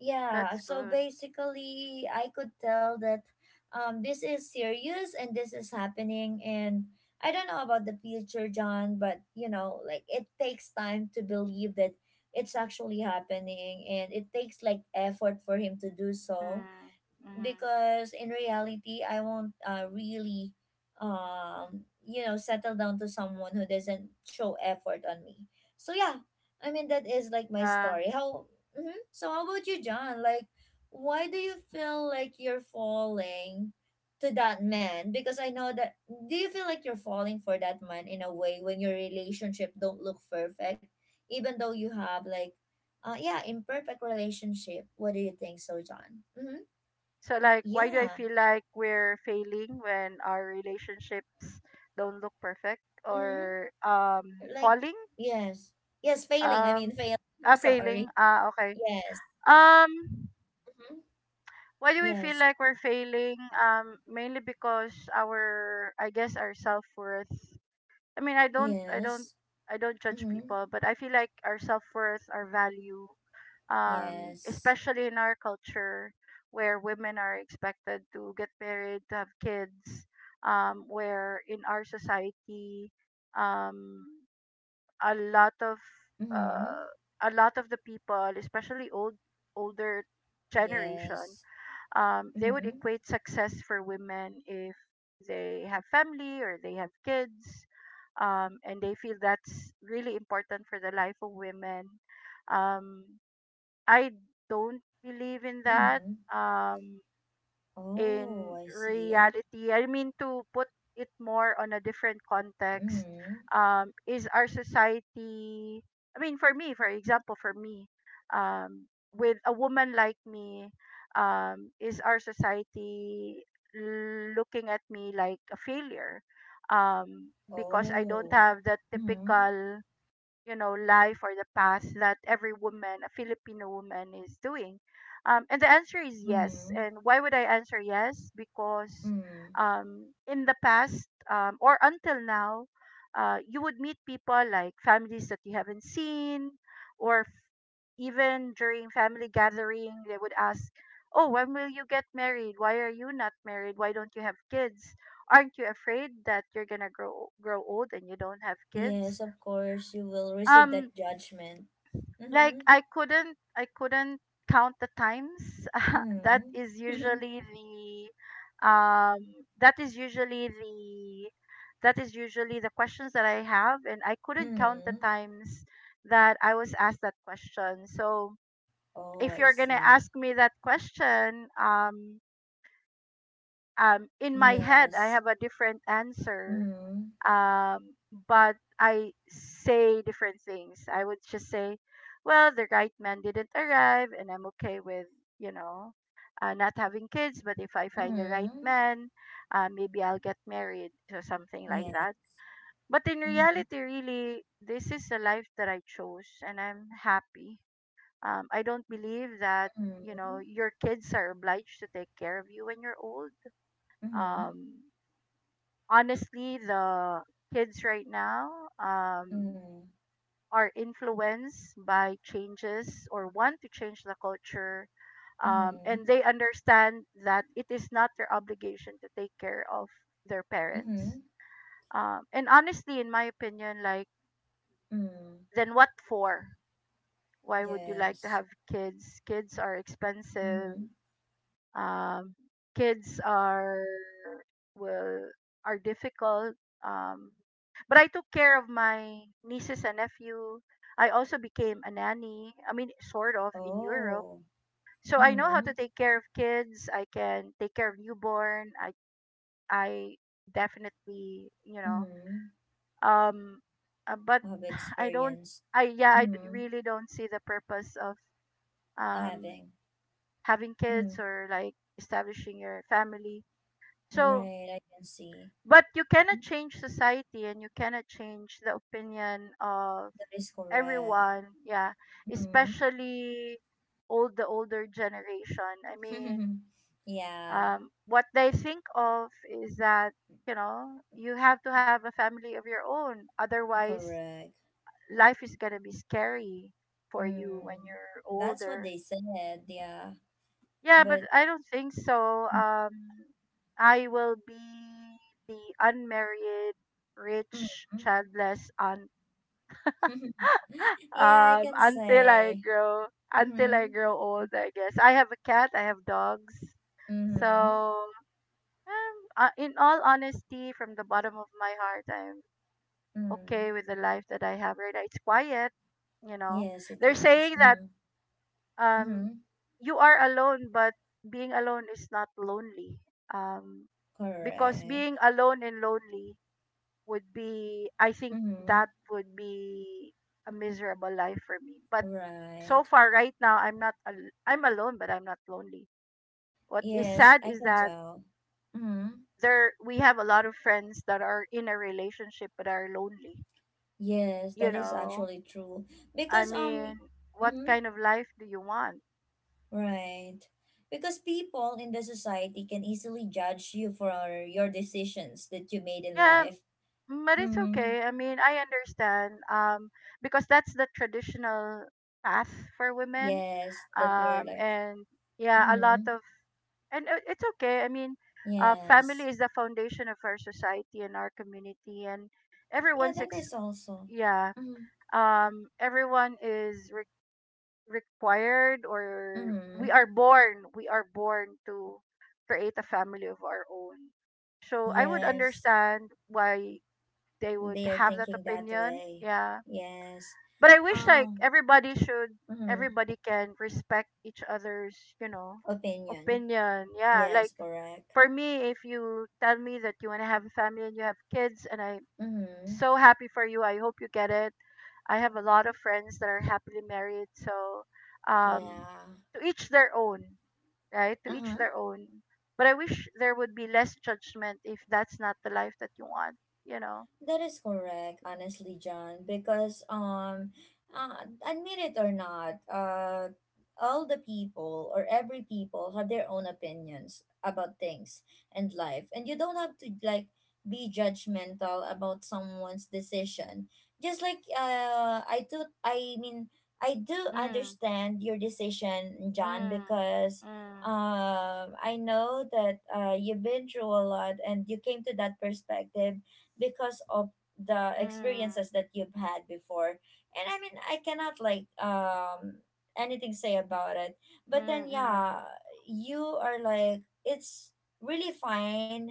S1: Yeah,
S2: That's
S1: so
S2: good.
S1: basically, I could tell that this is serious and this is happening. And I don't know about the future, John, but you know, like it takes time to believe that it's actually happening, and it takes like effort for him to do so,
S2: Mm, mm.
S1: because in reality I won't really you know settle down to someone who doesn't show effort on me. So yeah, I mean that is like my
S2: Yeah.
S1: story how. Hmm, so how about you, John, like, why do you feel like you're falling to that man, because I know that, do you feel like you're falling for that man in a way when your relationship don't look perfect, even though you have like yeah imperfect relationship, what do you think so, John? Mm-hmm.
S2: So, like, why do I
S1: Yeah.
S2: feel like we're failing when our relationships don't look perfect,
S1: Hmm.
S2: or
S1: Like,
S2: falling?
S1: yes. Yes, failing. I mean,
S2: Um,
S1: failing. I'm
S2: ah, failing.
S1: sorry.
S2: Ah, okay.
S1: Yes.
S2: Um,
S1: Hmm.
S2: why do we feel
S1: Yes.
S2: like we're failing? Mainly because our, I guess, our self worth. I mean,
S1: Yes.
S2: I don't judge
S1: Mm-hmm.
S2: people, but I feel like our self worth, our value,
S1: Yes.
S2: especially in our culture, where women are expected to get married, to have kids, where in our society, um, a lot of,
S1: Mm-hmm.
S2: uh, a lot of the people, especially older generation,
S1: Yes.
S2: they would
S1: Mm-hmm.
S2: equate success for women if they have family or they have kids. And they feel that's really important for the life of women. Um, i don't believe in that.
S1: Mm-hmm.
S2: um,
S1: Oh,
S2: in
S1: I see.
S2: reality, I mean, to put it more on a different context,
S1: Mm-hmm.
S2: is our society, I mean, for me, for example, um, with a woman like me, is our society looking at me like a failure? Because I don't
S1: Oh.
S2: have that
S1: Mm-hmm.
S2: typical, life, or the path that every woman, a Filipino woman, is doing. And the answer is yes.
S1: Mm-hmm.
S2: And why would I answer yes? Because
S1: Mm-hmm.
S2: in the past, or until now, you would meet people, like families that you haven't seen. Or even during family gathering, they would ask, oh, when will you get married, why are you not married, why don't you have kids, aren't you afraid that you're gonna grow old and you don't have
S1: Yes,
S2: kids?
S1: of course, you will receive
S2: um
S1: that judgment.
S2: like
S1: Mm-hmm.
S2: I couldn't count the times. [LAUGHS] that is
S1: Mm-hmm.
S2: usually the um that is usually the that is usually the questions that I have, and I
S1: [LAUGHS]
S2: couldn't count the
S1: mm-hmm.
S2: times that I was asked that question. So
S1: Oh,
S2: if
S1: I
S2: you're going to
S1: see.
S2: ask me that question, in my head I
S1: Yes.
S2: have a different answer.
S1: Mhm.
S2: um, but I say different things. I would just say, well, the right man didn't arrive, and I'm okay with, you know, not having kids, but if I find the right
S1: Mhm.
S2: man, maybe I'll get married or something like
S1: Yeah.
S2: that. But in
S1: Mhm.
S2: reality, really, this is the life that I chose, and I'm happy. I don't believe that
S1: Mhm.
S2: your kids are obliged to take care of you when you're old.
S1: Mhm.
S2: Um, Honestly, the kids right now, um,
S1: Mhm.
S2: are influenced by changes, or want to change the culture, and
S1: Mhm.
S2: they understand that it is not their obligation to take care of their parents.
S1: Mhm.
S2: And honestly, in my opinion, like,
S1: Mhm.
S2: then what for? Why would you like to
S1: Yes.
S2: have kids? Kids are expensive.
S1: Mhm.
S2: um, Kids are, well, are difficult. um, but I took care of my nieces and nephew. I also became a nanny, I mean, sort of, in Europe.
S1: Oh.
S2: So I know how to
S1: Mhm.
S2: take care of kids. I can take care of newborn. I definitely.
S1: Mhm.
S2: Um but
S1: I've
S2: I don't
S1: experienced.
S2: I yeah, I
S1: Mhm.
S2: really don't see the purpose of um
S1: Having.
S2: having kids,
S1: Mhm.
S2: or like establishing your family. So
S1: Right. I can see.
S2: but you cannot change society, and you cannot change the opinion of
S1: That is correct.
S2: everyone. Yeah.
S1: Mhm.
S2: Especially all the older generation. I mean,
S1: [LAUGHS] yeah.
S2: what they think of is that, you have to have a family of your own. Otherwise,
S1: Correct.
S2: life is going to be scary for you when
S1: Mm.
S2: you're
S1: That's what
S2: older.
S1: they said. Yeah.
S2: Yeah, but
S1: But.
S2: I don't think so. I will be the unmarried, rich,
S1: Mhm.
S2: childless aunt.
S1: [LAUGHS]
S2: [GASPS] [LAUGHS]
S1: Yeah, I
S2: Um,
S1: can
S2: until I
S1: say.
S2: grow, until I
S1: Mm-hmm.
S2: grow old, I guess. I have a cat. I have dogs.
S1: Mm-hmm.
S2: So, in all honesty, from the bottom of my heart, I'm
S1: Mm.
S2: okay with the life that I have right now. It's quiet, you know.
S1: Yes, it
S2: They're
S1: is.
S2: saying that
S1: Mm-hmm.
S2: um
S1: Mm-hmm.
S2: you are alone, but being alone is not lonely. um because
S1: Correct.
S2: being alone and lonely would be, I think,
S1: Mm-hmm.
S2: that would be a miserable life for me. But so
S1: Right.
S2: far right now, I'm alone but I'm not lonely. What is
S1: Yes,
S2: sad
S1: I
S2: is
S1: can
S2: that
S1: tell. Mm-hmm.
S2: there, we have a lot of friends that are in a relationship but are lonely,
S1: Yes,
S2: you
S1: that is
S2: know.
S1: actually true.
S2: I
S1: Because
S2: mean, what
S1: mm-hmm,
S2: kind of life do you want?
S1: right. Because people in the society can easily judge you for your decisions that you made in
S2: Yeah.
S1: life.
S2: Mm, but it's
S1: Mm-hmm.
S2: okay. I mean, I understand. Because that's the traditional path for women.
S1: Yes, that were like,
S2: And yeah, a lot
S1: mm-hmm.
S2: of, and it's okay. I mean, family
S1: Yes.
S2: is the foundation of our society and our community, and
S1: Yeah,
S2: everyone's
S1: that
S2: ex-
S1: is also.
S2: yeah.
S1: Mm-hmm.
S2: Everyone is required, or we are
S1: Hmm.
S2: born. We are born to create a family of our own. So I would
S1: Yes,
S2: understand why they would
S1: they are
S2: have that
S1: thinking that
S2: opinion.
S1: way.
S2: Yeah.
S1: Yes.
S2: But I wish, like,
S1: Um. Mhm.
S2: everybody can respect each other's, you know,
S1: Opinion.
S2: opinion. Yeah.
S1: Yes,
S2: Like
S1: correct.
S2: for me, if you tell me that you wanna have a family and you have kids, and I'm
S1: Mm-hmm.
S2: so happy for you, I hope you get it. I have a lot of friends that are happily married, so um
S1: Yeah.
S2: to each their own, right? To
S1: Uh
S2: each
S1: huh.
S2: their own. But I wish there would be less judgment if that's not the life that you want, you know.
S1: That is correct, honestly, John, because admit it or not, all the people or every people have their own opinions about things and life. And you don't have to like be judgmental about someone's decision. Just like I do, I mean, I do
S2: Mm.
S1: understand your decision, John,
S2: Mm,
S1: because
S2: mm,
S1: I know that you've been through a lot and you came to that perspective because of the
S2: mm,
S1: experiences that you've had before. And I mean I cannot like anything say about it, but then
S2: mm, mm,
S1: yeah, you are like it's really fine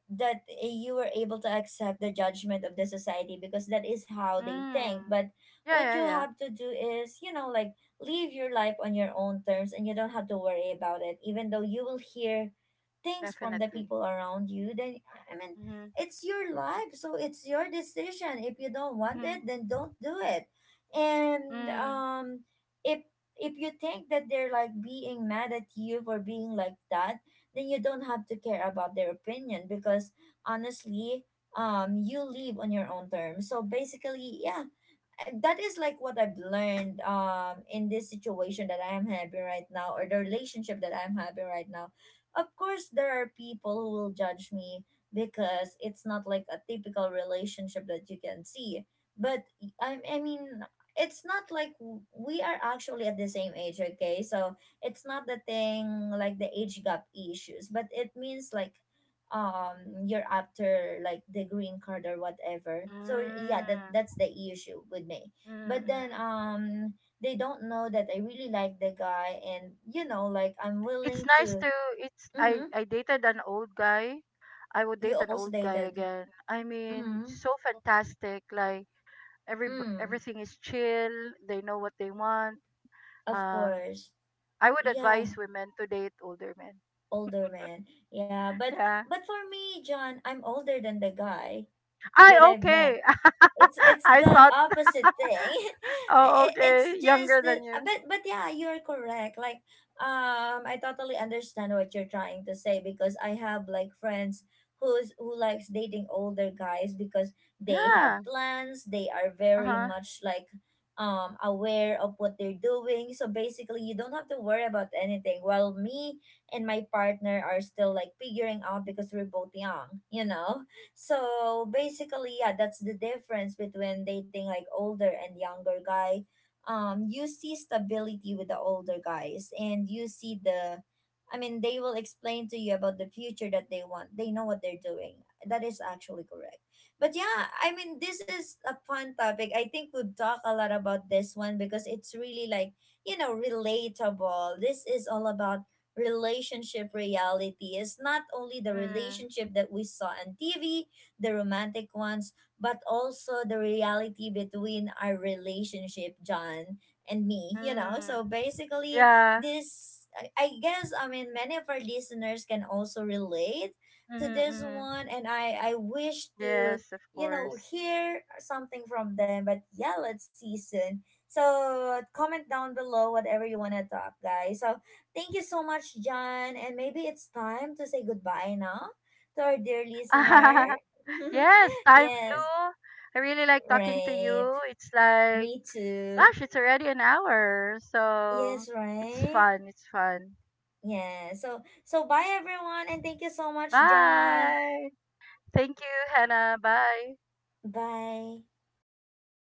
S1: that you were able to accept the judgment of the society because that is how they think.
S2: mm.
S1: But
S2: Yeah,
S1: what
S2: yeah,
S1: you
S2: yeah,
S1: have to do is, you know, like, live your life on your own terms, and you don't have to worry about it even though you will hear things from the
S2: definitely.
S1: people around you. Then I mean
S2: Mm-hmm,
S1: it's your life, so it's your decision. If you don't want
S2: mm-hmm,
S1: it, then don't do it. And
S2: mm,
S1: if you think that they're like being mad at you for being like that, then you don't have to care about their opinion, because honestly you live on your own terms, so basically yeah. And that is like what I've learned, in this situation that I am having right now, or the relationship that I'm having right now. Of course there are people who will judge me because it's not like a typical relationship that you can see. But I mean, it's not like we are actually at the same age, okay? So it's not the thing like the age gap issues, but it means like you're after like the green card or whatever. So yeah, that
S2: mm,
S1: that's the issue with me.
S2: mm,
S1: But
S2: mm.
S1: then they don't know that I really like the guy and you know like I'm
S2: It's
S1: willing
S2: nice
S1: to.
S2: to, it's,
S1: Mm-hmm.
S2: I dated an old guy. I would
S1: You
S2: date an
S1: also
S2: old guy
S1: dated.
S2: again. I mean,
S1: Mm-hmm.
S2: so fantastic. Like every,
S1: Mm.
S2: everything is chill. They know what they want.
S1: Of
S2: Um,
S1: course.
S2: I would
S1: Yeah.
S2: advise women to date older men. [LAUGHS]
S1: Older man. Yeah, but.
S2: Yeah.
S1: But for me, John, I'm older than the guy
S2: I
S1: that I've met.
S2: okay.
S1: it's
S2: [LAUGHS]
S1: it's
S2: I
S1: the
S2: thought.
S1: opposite
S2: [LAUGHS]
S1: thing. [LAUGHS]
S2: Oh,
S1: It's
S2: okay.
S1: just
S2: Younger than
S1: that
S2: you.
S1: but yeah you're correct. Like, I totally understand what you're trying to say, because I have like friends who likes dating older guys, because they have
S2: Yeah.
S1: plans, they are very
S2: Uh-huh.
S1: much like aware of what they're doing, so basically you don't have to worry about anything. While me and my partner are still like figuring out because we're both young, you know. So basically, yeah, that's the difference between dating like older and younger guy. You see stability with the older guys, and you see the, I mean, they will explain to you about the future that they want. They know what they're doing. That is actually correct. But yeah, I mean, this is a fun topic. I think we've talked a lot about this one because it's really like, you know, relatable. This is all about relationship reality is not only the
S2: Mm.
S1: relationship that we saw on TV, the romantic ones, but also the reality between our relationship, John, and me, you know?
S2: Mm.
S1: So basically,
S2: Yeah.
S1: this, I guess, I mean, many of our listeners can also relate to
S2: Mm-hmm,
S1: this
S2: mm-hmm.
S1: one, and I wish to,
S2: Yes, of
S1: you know,
S2: course.
S1: hear something from them, but yeah, let's see soon. So comment down below whatever you want to talk, guys. So thank you so much, John. And maybe it's time to say goodbye now to our dear listener.
S2: [LAUGHS]
S1: [LAUGHS]
S2: yes, time
S1: Yes,
S2: flew. I really like talking to
S1: right.
S2: you. It's like,
S1: Me too.
S2: gosh, it's already an hour. So
S1: Yes,
S2: it's
S1: right.
S2: fun. It's fun.
S1: Yeah. So so bye everyone, and thank you so much, John.
S2: Bye. Thank you, Hannah. Bye.
S1: Bye.